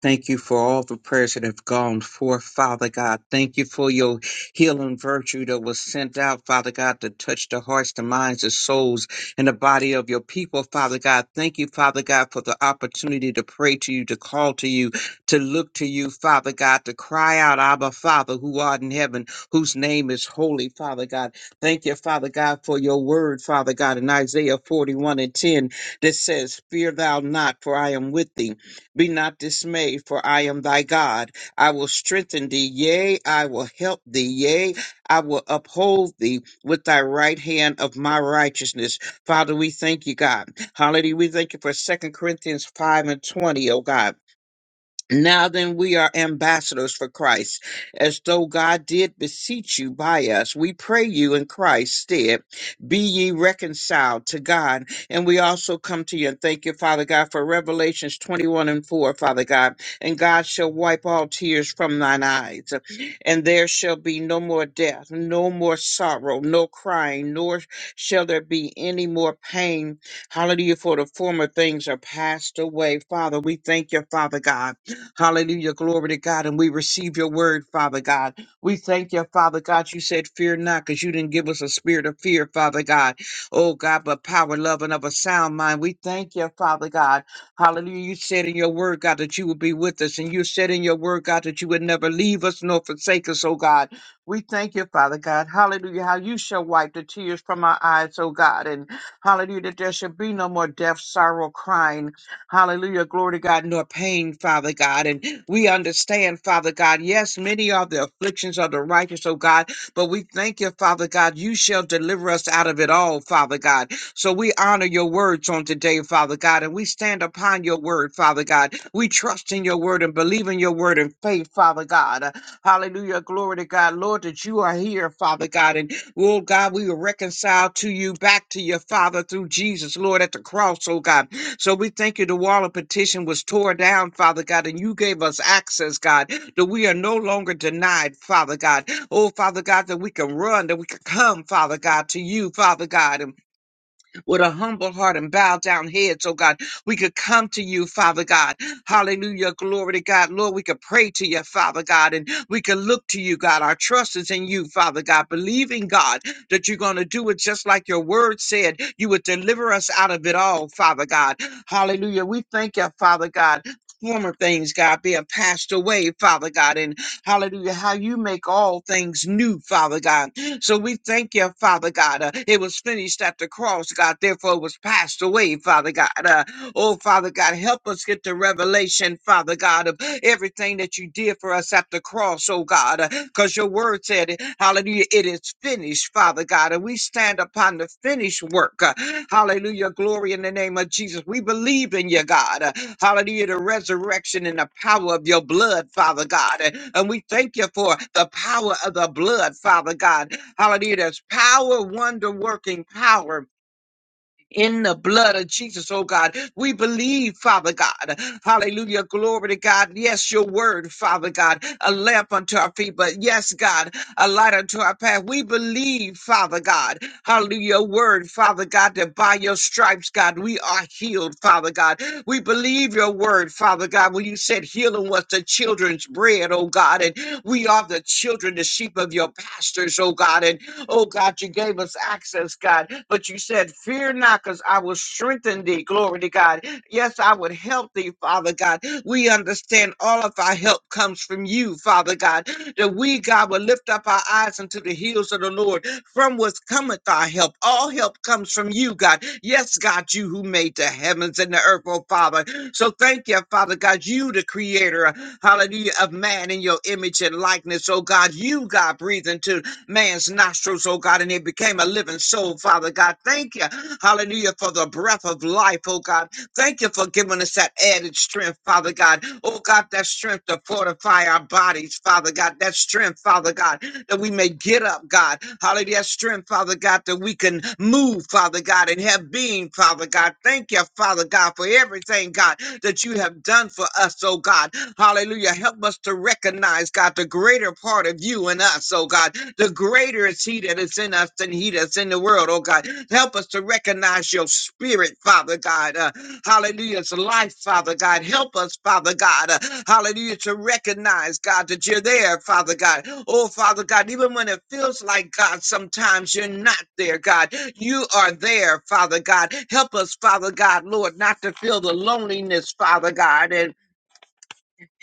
Speaker 4: Thank you for all the prayers that have gone forth, Father God. Thank you for your healing virtue that was sent out, Father God, to touch the hearts, the minds, the souls, and the body of your people, Father God. Thank you, Father God, for the opportunity to pray to you, to call to you, to look to you, Father God, to cry out, Abba, Father, who art in heaven, whose name is holy, Father God. Thank you, Father God, for your word, Father God, in Isaiah 41 and 10 that says, Fear thou not, for I am with thee be not dismayed, for I am thy God. I will strengthen thee, yea, I will help thee, yea, I will uphold thee with thy right hand of my righteousness. Father, we thank you, God. Hallelujah. We thank you for Second Corinthians 5 and 20, oh God. Now then, we are ambassadors for Christ, as though God did beseech you by us. We pray you in Christ's stead, be ye reconciled to God. And we also come to you and thank you, Father God, for Revelations 21 and 4, Father God. And God shall wipe all tears from thine eyes, and there shall be no more death, no more sorrow, no crying, nor shall there be any more pain. Hallelujah, for the former things are passed away. Father, we thank you, Father God. Hallelujah. Glory to God. And we receive your word, Father God. We thank you, Father God. You said, Fear not, because you didn't give us a spirit of fear, Father God. Oh, God, but power, love, and of a sound mind. We thank you, Father God. Hallelujah. You said in your word, God, that you would be with us. And you said in your word, God, that you would never leave us nor forsake us, oh God. We thank you, Father God. Hallelujah. How you shall wipe the tears from our eyes, oh God. And hallelujah, that there shall be no more death, sorrow, crying. Hallelujah. Glory to God, nor pain, Father God. And we understand, Father God, yes, many are the afflictions of the righteous, oh God, but we thank you, Father God, you shall deliver us out of it all, Father God. So we honor your words on today, Father God, and we stand upon your word, Father God. We trust in your word and believe in your word in faith, Father God. Uh, Hallelujah. Glory to God, Lord, that you are here, Father God. And Lord God, we were reconciled to you back to your Father through Jesus, Lord, at the cross, oh God. So we thank you. The wall of petition was torn down, Father God, and you gave us access, God, that we are no longer denied, Father God. Oh, Father God, that we can run, that we can come, Father God, to you, Father God with a humble heart and bow down heads, oh God. We could come to you, Father God. Hallelujah. Glory to God. Lord, we could pray to you, Father God, and we could look to you, God. Our trust is in you, Father God, believing, God, that you're going to do it just like your word said. You would deliver us out of it all, Father God. Hallelujah. We thank you, Father God. Former things, God, being passed away, Father God, and hallelujah, how you make all things new, Father God. So we thank you, Father God. Uh, it was finished at the cross, God. Therefore, it was passed away, Father God. Uh, oh, Father God, help us get the revelation, Father God, of everything that you did for us at the cross, oh God. Because your word said, hallelujah, it is finished, Father God. And we stand upon the finished work. Uh, hallelujah, glory in the name of Jesus. We believe in you, God. Uh, hallelujah, the resurrection and the power of your blood, Father God. And and we thank you for the power of the blood, Father God. Hallelujah. There's power, wonder working power. In the blood of Jesus, oh God, we believe, Father God. Hallelujah. Glory to God. Yes, your word, Father God, a lamp unto our feet, but yes, God, a light unto our path. We believe, Father God. Hallelujah. Your word, Father God, that by your stripes, God, we are healed, Father God. We believe your word, Father God, when you said healing was the children's bread, oh God, and we are the children, the sheep of your pastors, oh God. And Oh God, you gave us access, God. But you said, Fear not, because I will strengthen thee. Glory to God. Yes, I would help thee, Father God. We understand all of our help comes from you, Father God. That we, God, will lift up our eyes unto the hills of the Lord, from whence cometh our help. All help comes from you, God. Yes, God, you who made the heavens and the earth, oh Father. So thank you, Father God. You, the creator, hallelujah, of man in your image and likeness. Oh God, you, God, breathe into man's nostrils, oh God, and it became a living soul, Father God. Thank you, hallelujah, for the breath of life, oh God. Thank you for giving us that added strength, Father God. Oh God, that strength to fortify our bodies, Father God. That strength, Father God, that we may get up, God. Hallelujah. Strength, Father God, that we can move, Father God, and have being, Father God. Thank you, Father God, for everything, God, that you have done for us, oh God. Hallelujah. Help us to recognize, God, the greater part of you and us, oh God. The greater is He that is in us than He that's in the world, oh God. Help us to recognize recognize your spirit, Father God. Uh, hallelujah. It's life, Father God. Help us, Father God. Uh, hallelujah. To recognize, God, that you're there, Father God. Oh, Father God, even when it feels like, God, sometimes you're not there, God. You are there, Father God. Help us, Father God, Lord, not to feel the loneliness, Father God. And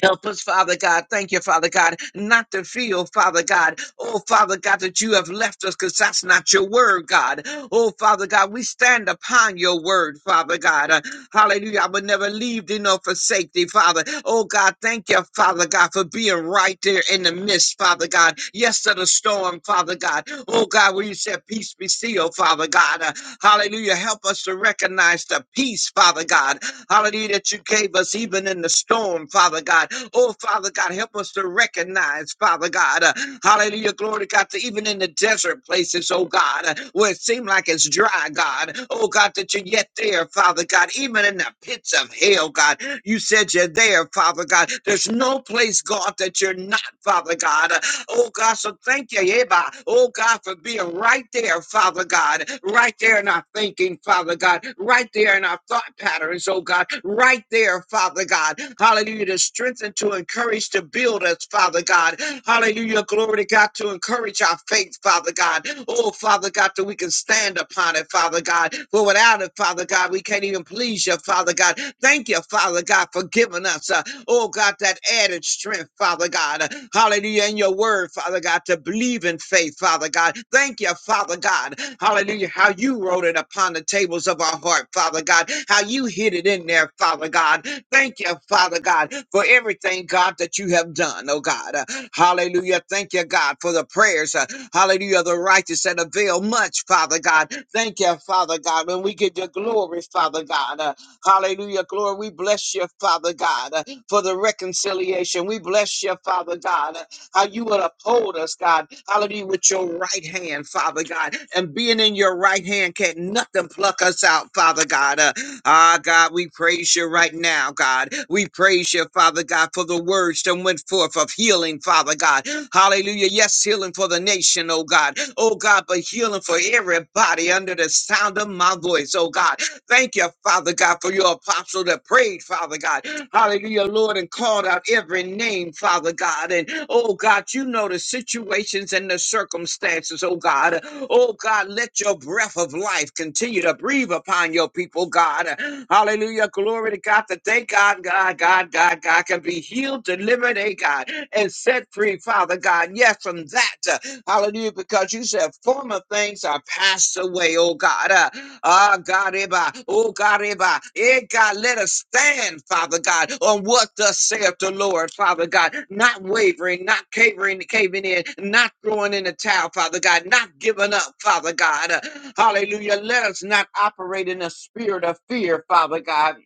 Speaker 4: Help us, Father God. Thank you, Father God, not to feel, Father God. Oh, Father God, that you have left us because that's not your word, God. Oh, Father God, we stand upon your word, Father God. Uh, hallelujah. I will never leave thee nor forsake thee, Father. Oh, God, thank you, Father God, for being right there in the midst, Father God. Yes, to the storm, Father God. Oh, God, where you said, peace be still, Father God. Uh, hallelujah. Help us to recognize the peace, Father God hallelujah, that you gave us even in the storm, Father God. Oh, Father God, help us to recognize, Father God, uh, hallelujah, glory to God, that even in the desert places, oh God, uh, where it seems like it's dry, God, oh God, that you're yet there, Father God, even in the pits of hell, God, you said you're there, Father God. There's no place, God, that you're not Father God. Oh God, so thank you, Yeba. Oh God, for being right there, Father God, right there in our thinking, Father God, right there in our thought patterns, oh God, right there, Father God. Hallelujah, to strengthen, to encourage, to build us, Father God. Hallelujah, glory to God, to encourage our faith, Father God. Oh, Father God, that we can stand upon it, Father God. For without it, Father God, we can't even please you, Father God. Thank you, Father God, for giving us. uh, Oh God, that added strength, Father God. Hallelujah. In your word, Father God, to believe in faith, Father God. Thank you, Father God. Hallelujah. How you wrote it upon the tables of our heart, Father God. How you hid it in there, Father God. Thank you, Father God, for everything, God, that you have done, oh God. Uh, Hallelujah. Thank you, God, for the prayers. uh, Hallelujah. of The righteous that avail much, Father God. Thank you, Father God. When we give you glory, Father God. Uh, Hallelujah. Glory. We bless you, Father God for the reconciliation. We bless you, Father God, how you will uphold us, God. Hallelujah, with your right hand, Father God. And being in your right hand can't nothing pluck us out, Father God. Uh, ah, God, we praise you right now, God. We praise you, Father God, for the words that went forth of healing, Father God. Hallelujah. Yes, healing for the nation, oh God. Oh God, but healing for everybody under the sound of my voice, oh God. Thank you, Father God, for your apostle that prayed, Father God. Hallelujah, Lord, and called out every name, Father God. And oh God, you know the situations and the circumstances, oh God. Oh God, let your breath of life continue to breathe upon your people, God. Hallelujah, glory to God. That they, God, God, God, God, God, can be healed, delivered, eh, God, and set free, Father God. Yes yeah, from that. uh, Hallelujah, because you said former things are passed away, oh God. Uh, Ah, God, Eba, oh God, Eba, eh, God, let us stand, Father God, on what thus saith the Lord, Father God, not wavering, not cavering, caving in, not throwing in the towel, Father God, not giving up, Father God. Uh, Hallelujah. Let us not operate in a spirit of fear, Father God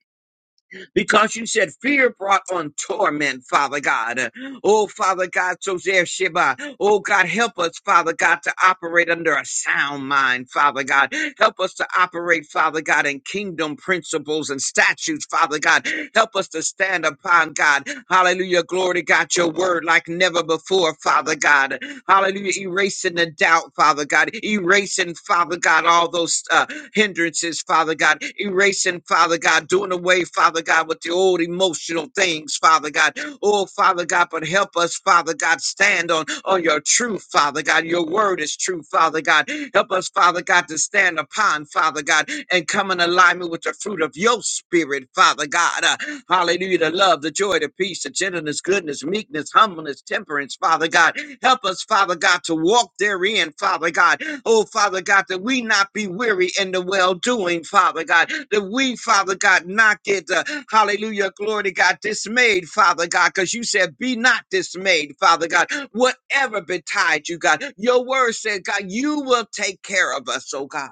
Speaker 4: because you said fear brought on torment, Father God. Oh, Father God, so there, Sheba. Oh, God, help us, Father God, to operate under a sound mind, Father God. Help us to operate, Father God, in kingdom principles and statutes, Father God. Help us to stand upon, God. Hallelujah. Glory to God, your word like never before, Father God. Hallelujah. Erasing the doubt, Father God. Erasing, Father God, all those uh, hindrances, Father God, erasing, Father God, doing away, Father God, with the old emotional things, Father God. Oh, Father God, but help us, Father God, stand on, on your truth, Father God. Your word is true, Father God. Help us, Father God, to stand upon, Father God, and come in alignment with the fruit of your spirit, Father God. Uh, hallelujah. The love, the joy, the peace, the gentleness, goodness, meekness, humbleness, temperance, Father God. Help us, Father God, to walk therein, Father God Oh, Father God, that we not be weary in the well doing, Father God, that we, Father God, not get, uh, hallelujah, glory to God, dismayed, Father God, because you said, be not dismayed, Father God, whatever betide you, God. Your word said, God, you will take care of us, oh God.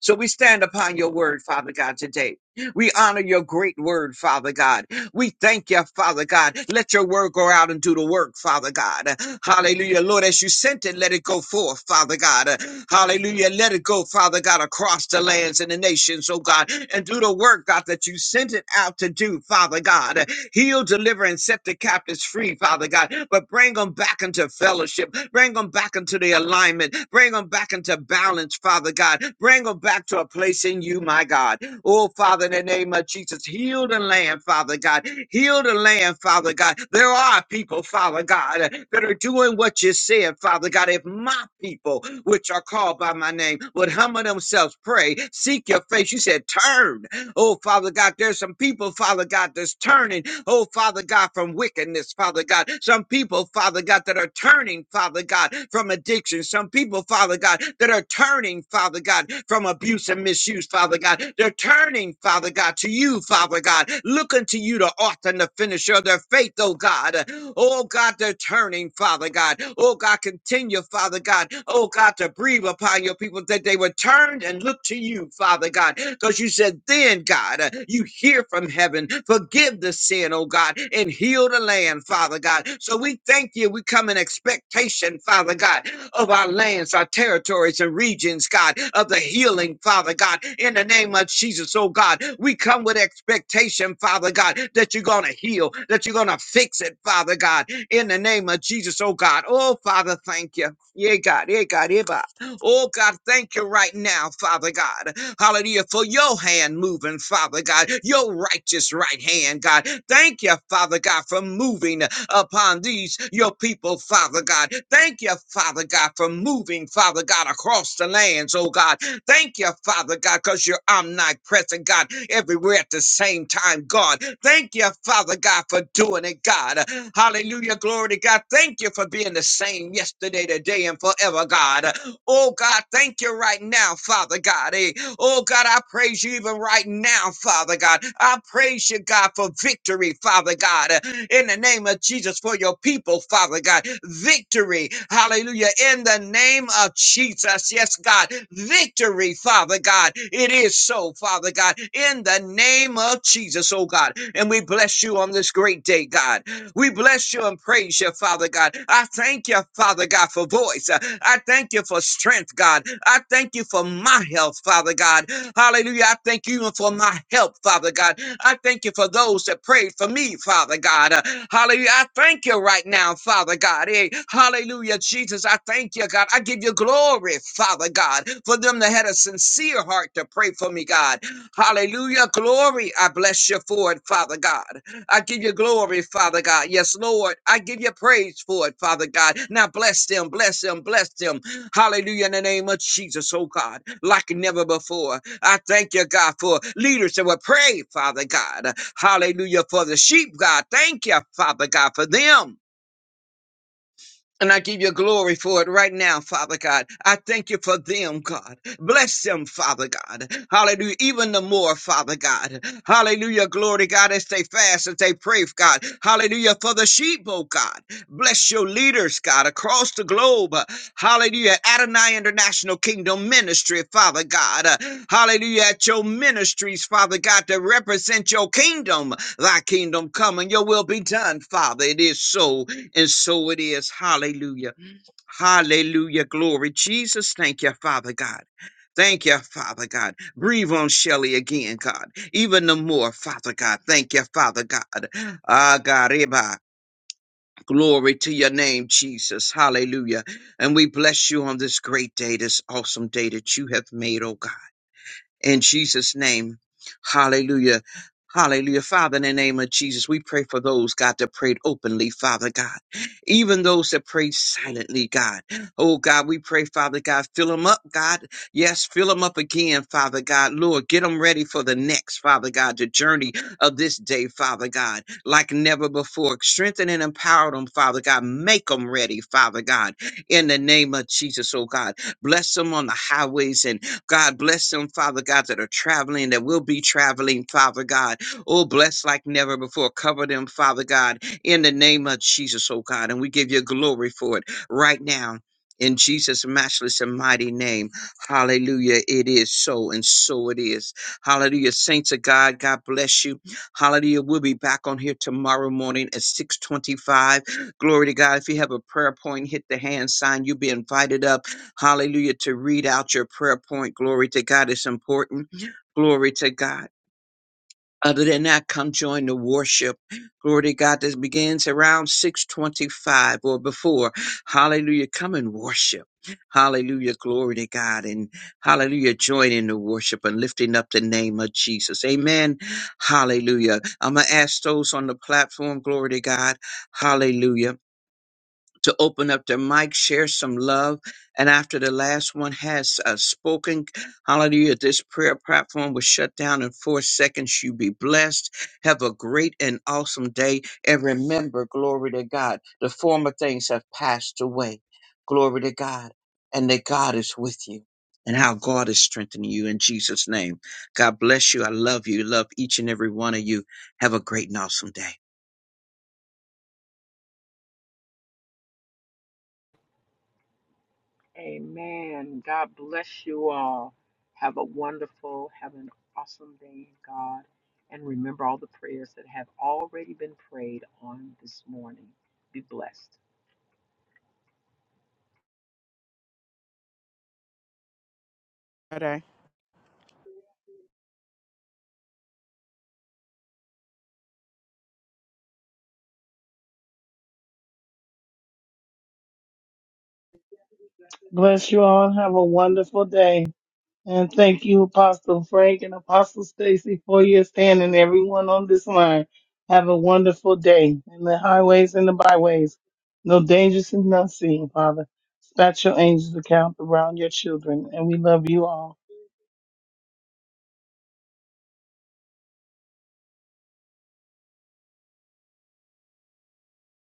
Speaker 4: So we stand upon your word, Father God, today. We honor your great word, Father God. We thank you, Father God. Let your word go out and do the work, Father God. Hallelujah. Lord, as you sent it, let it go forth, Father God. Hallelujah. Let it go, Father God, across the lands and the nations, oh God, and do the work, God, that you sent it out to do, Father God. Heal, deliver, and set the captives free, Father God, but bring them back into fellowship. Bring them back into the alignment. Bring them back into balance, Father God. Bring them back to a place in you, my God. Oh, Father, in the name of Jesus, heal the land, Father God. Heal the land, Father God. There are people, Father God, that are doing what you said, Father God. If my people, which are called by my name, would humble themselves, pray, seek your face, you said, turn. Oh, Father God, there's some people, Father God, that's turning. Oh, Father God, from wickedness, Father God. Some people, Father God, that are turning, Father God, from addiction. Some people, Father God, that are turning, Father God, from abuse and misuse, Father God. They're turning, Father God, to you, Father God, looking to you, the author and the finisher of their faith, oh God. Oh God, they're turning, Father God. Oh God, continue, Father God. Oh God, to bring breathe upon your people that they would turn and look to you, Father God, because you said, then, God, uh, you hear from heaven, forgive the sin, oh God, and heal the land, Father God. So we thank you. We come in expectation, Father God, of our lands, our territories, and regions, God, of the healing, Father God, in the name of Jesus, oh God. We come with expectation, Father God, that you're going to heal, that you're going to fix it, Father God, in the name of Jesus, oh God. Oh, Father, thank you. Yeah, God, yeah, God, yeah, God. Oh God, thank you right now, Father God. Hallelujah. For your hand moving, Father God, your righteous right hand, God. Thank you, Father God, for moving upon these, your people, Father God. Thank you, Father God, for moving, Father God, across the lands, oh God. Thank you, Father God, because you're omnipresent, God, everywhere at the same time, God. Thank you, Father God, for doing it, God. Hallelujah. Glory to God. Thank you for being the same yesterday, today, and forever, God. Oh God, thank you right now, Father God. Eh, Oh God, I praise you even right now, Father God. I praise you, God, for victory, Father God. eh, In the name of Jesus, for your people, Father God. Victory, hallelujah. In the name of Jesus, yes, God. Victory, Father God. It is so, Father God. In the name of Jesus, oh God. And we bless you on this great day, God. We bless you and praise you, Father God. I thank you, Father God, for voice. I thank you for strength, God. I thank you for my health, Father God. Hallelujah. I thank you for my help, Father God. I thank you for those that prayed for me, Father God. Uh, Hallelujah. I thank you right now, Father God. Hey, hallelujah, Jesus. I thank you, God. I give you glory, Father God, for them that had a sincere heart to pray for me, God. Hallelujah. Glory. I bless you for it, Father God. I give you glory, Father God. Yes, Lord. I give you praise for it, Father God. Now bless them, bless them, bless them. Hallelujah in the name of Jesus, oh God, like never before. I thank you, God, for leaders that will pray, Father God. Hallelujah for the sheep, God. Thank you, Father God, for them. And I give you glory for it right now, Father God. I thank you for them, God. Bless them, Father God. Hallelujah. Even the more, Father God. Hallelujah. Glory, God, as they fast, as they pray, God. Hallelujah. For the sheep, oh God. Bless your leaders, God, across the globe. Hallelujah. Adonai International Kingdom Ministry, Father God. Hallelujah. At your ministries, Father God, to represent your kingdom. Thy kingdom come and your will be done, Father. It is so. And so it is. Hallelujah. Hallelujah. Glory. Jesus, thank you, Father God. Thank you, Father God. Breathe on Shelley again, God. Even the more, Father God. Thank you, Father God. Ah, God, Eba. Glory to your name, Jesus. Hallelujah. And we bless you on this great day, this awesome day that you have made, oh God in Jesus' name. Hallelujah. Hallelujah. Father, in the name of Jesus, we pray for those, God, that prayed openly, Father God. Even those that prayed silently, God. Oh, God, we pray, Father God, fill them up, God. Yes, fill them up again, Father God. Lord, get them ready for the next, Father God, the journey of this day, Father God, like never before. Strengthen and empower them, Father God. Make them ready, Father God, in the name of Jesus, oh God. Bless them on the highways and God bless them, Father God, that are traveling, that will be traveling, Father God. Oh, bless like never before. Cover them, Father God, in the name of Jesus, oh God. And we give you glory for it right now. In Jesus' matchless and mighty name. Hallelujah. It is so, and so it is. Hallelujah. Saints of God, God bless you. Hallelujah. We'll be back on here tomorrow morning at 625. Glory to God. If you have a prayer point, hit the hand sign. You'll be invited up. Hallelujah. To read out your prayer point. Glory to God. It's important. Glory to God. Other than that, come join the worship. Glory to God. This begins around 625 or before. Hallelujah. Come and worship. Hallelujah. Glory to God. And hallelujah. Join in the worship and lifting up the name of Jesus. Amen. Hallelujah. I'm going to ask those on the platform. Glory to God. Hallelujah to open up their mic, share some love. And after the last one has uh, spoken, hallelujah, this prayer platform was shut down in four seconds. You be blessed. Have a great and awesome day. And remember, glory to God, the former things have passed away. Glory to God. And that God is with you. And how God is strengthening you in Jesus' name. God bless you. I love you. Love each and every one of you. Have a great and awesome day.
Speaker 1: Amen. God bless you all. Have a wonderful, have an awesome day in God. And remember all the prayers that have already been prayed on this morning. Be blessed.
Speaker 3: Bless you all. Have a wonderful day. And thank you, Apostle Frank and Apostle Stacy, for your stand and everyone on this line. Have a wonderful day in the highways and the byways. No dangers and none seen, Father. Dispatch your angels to count around your children, and we love you all.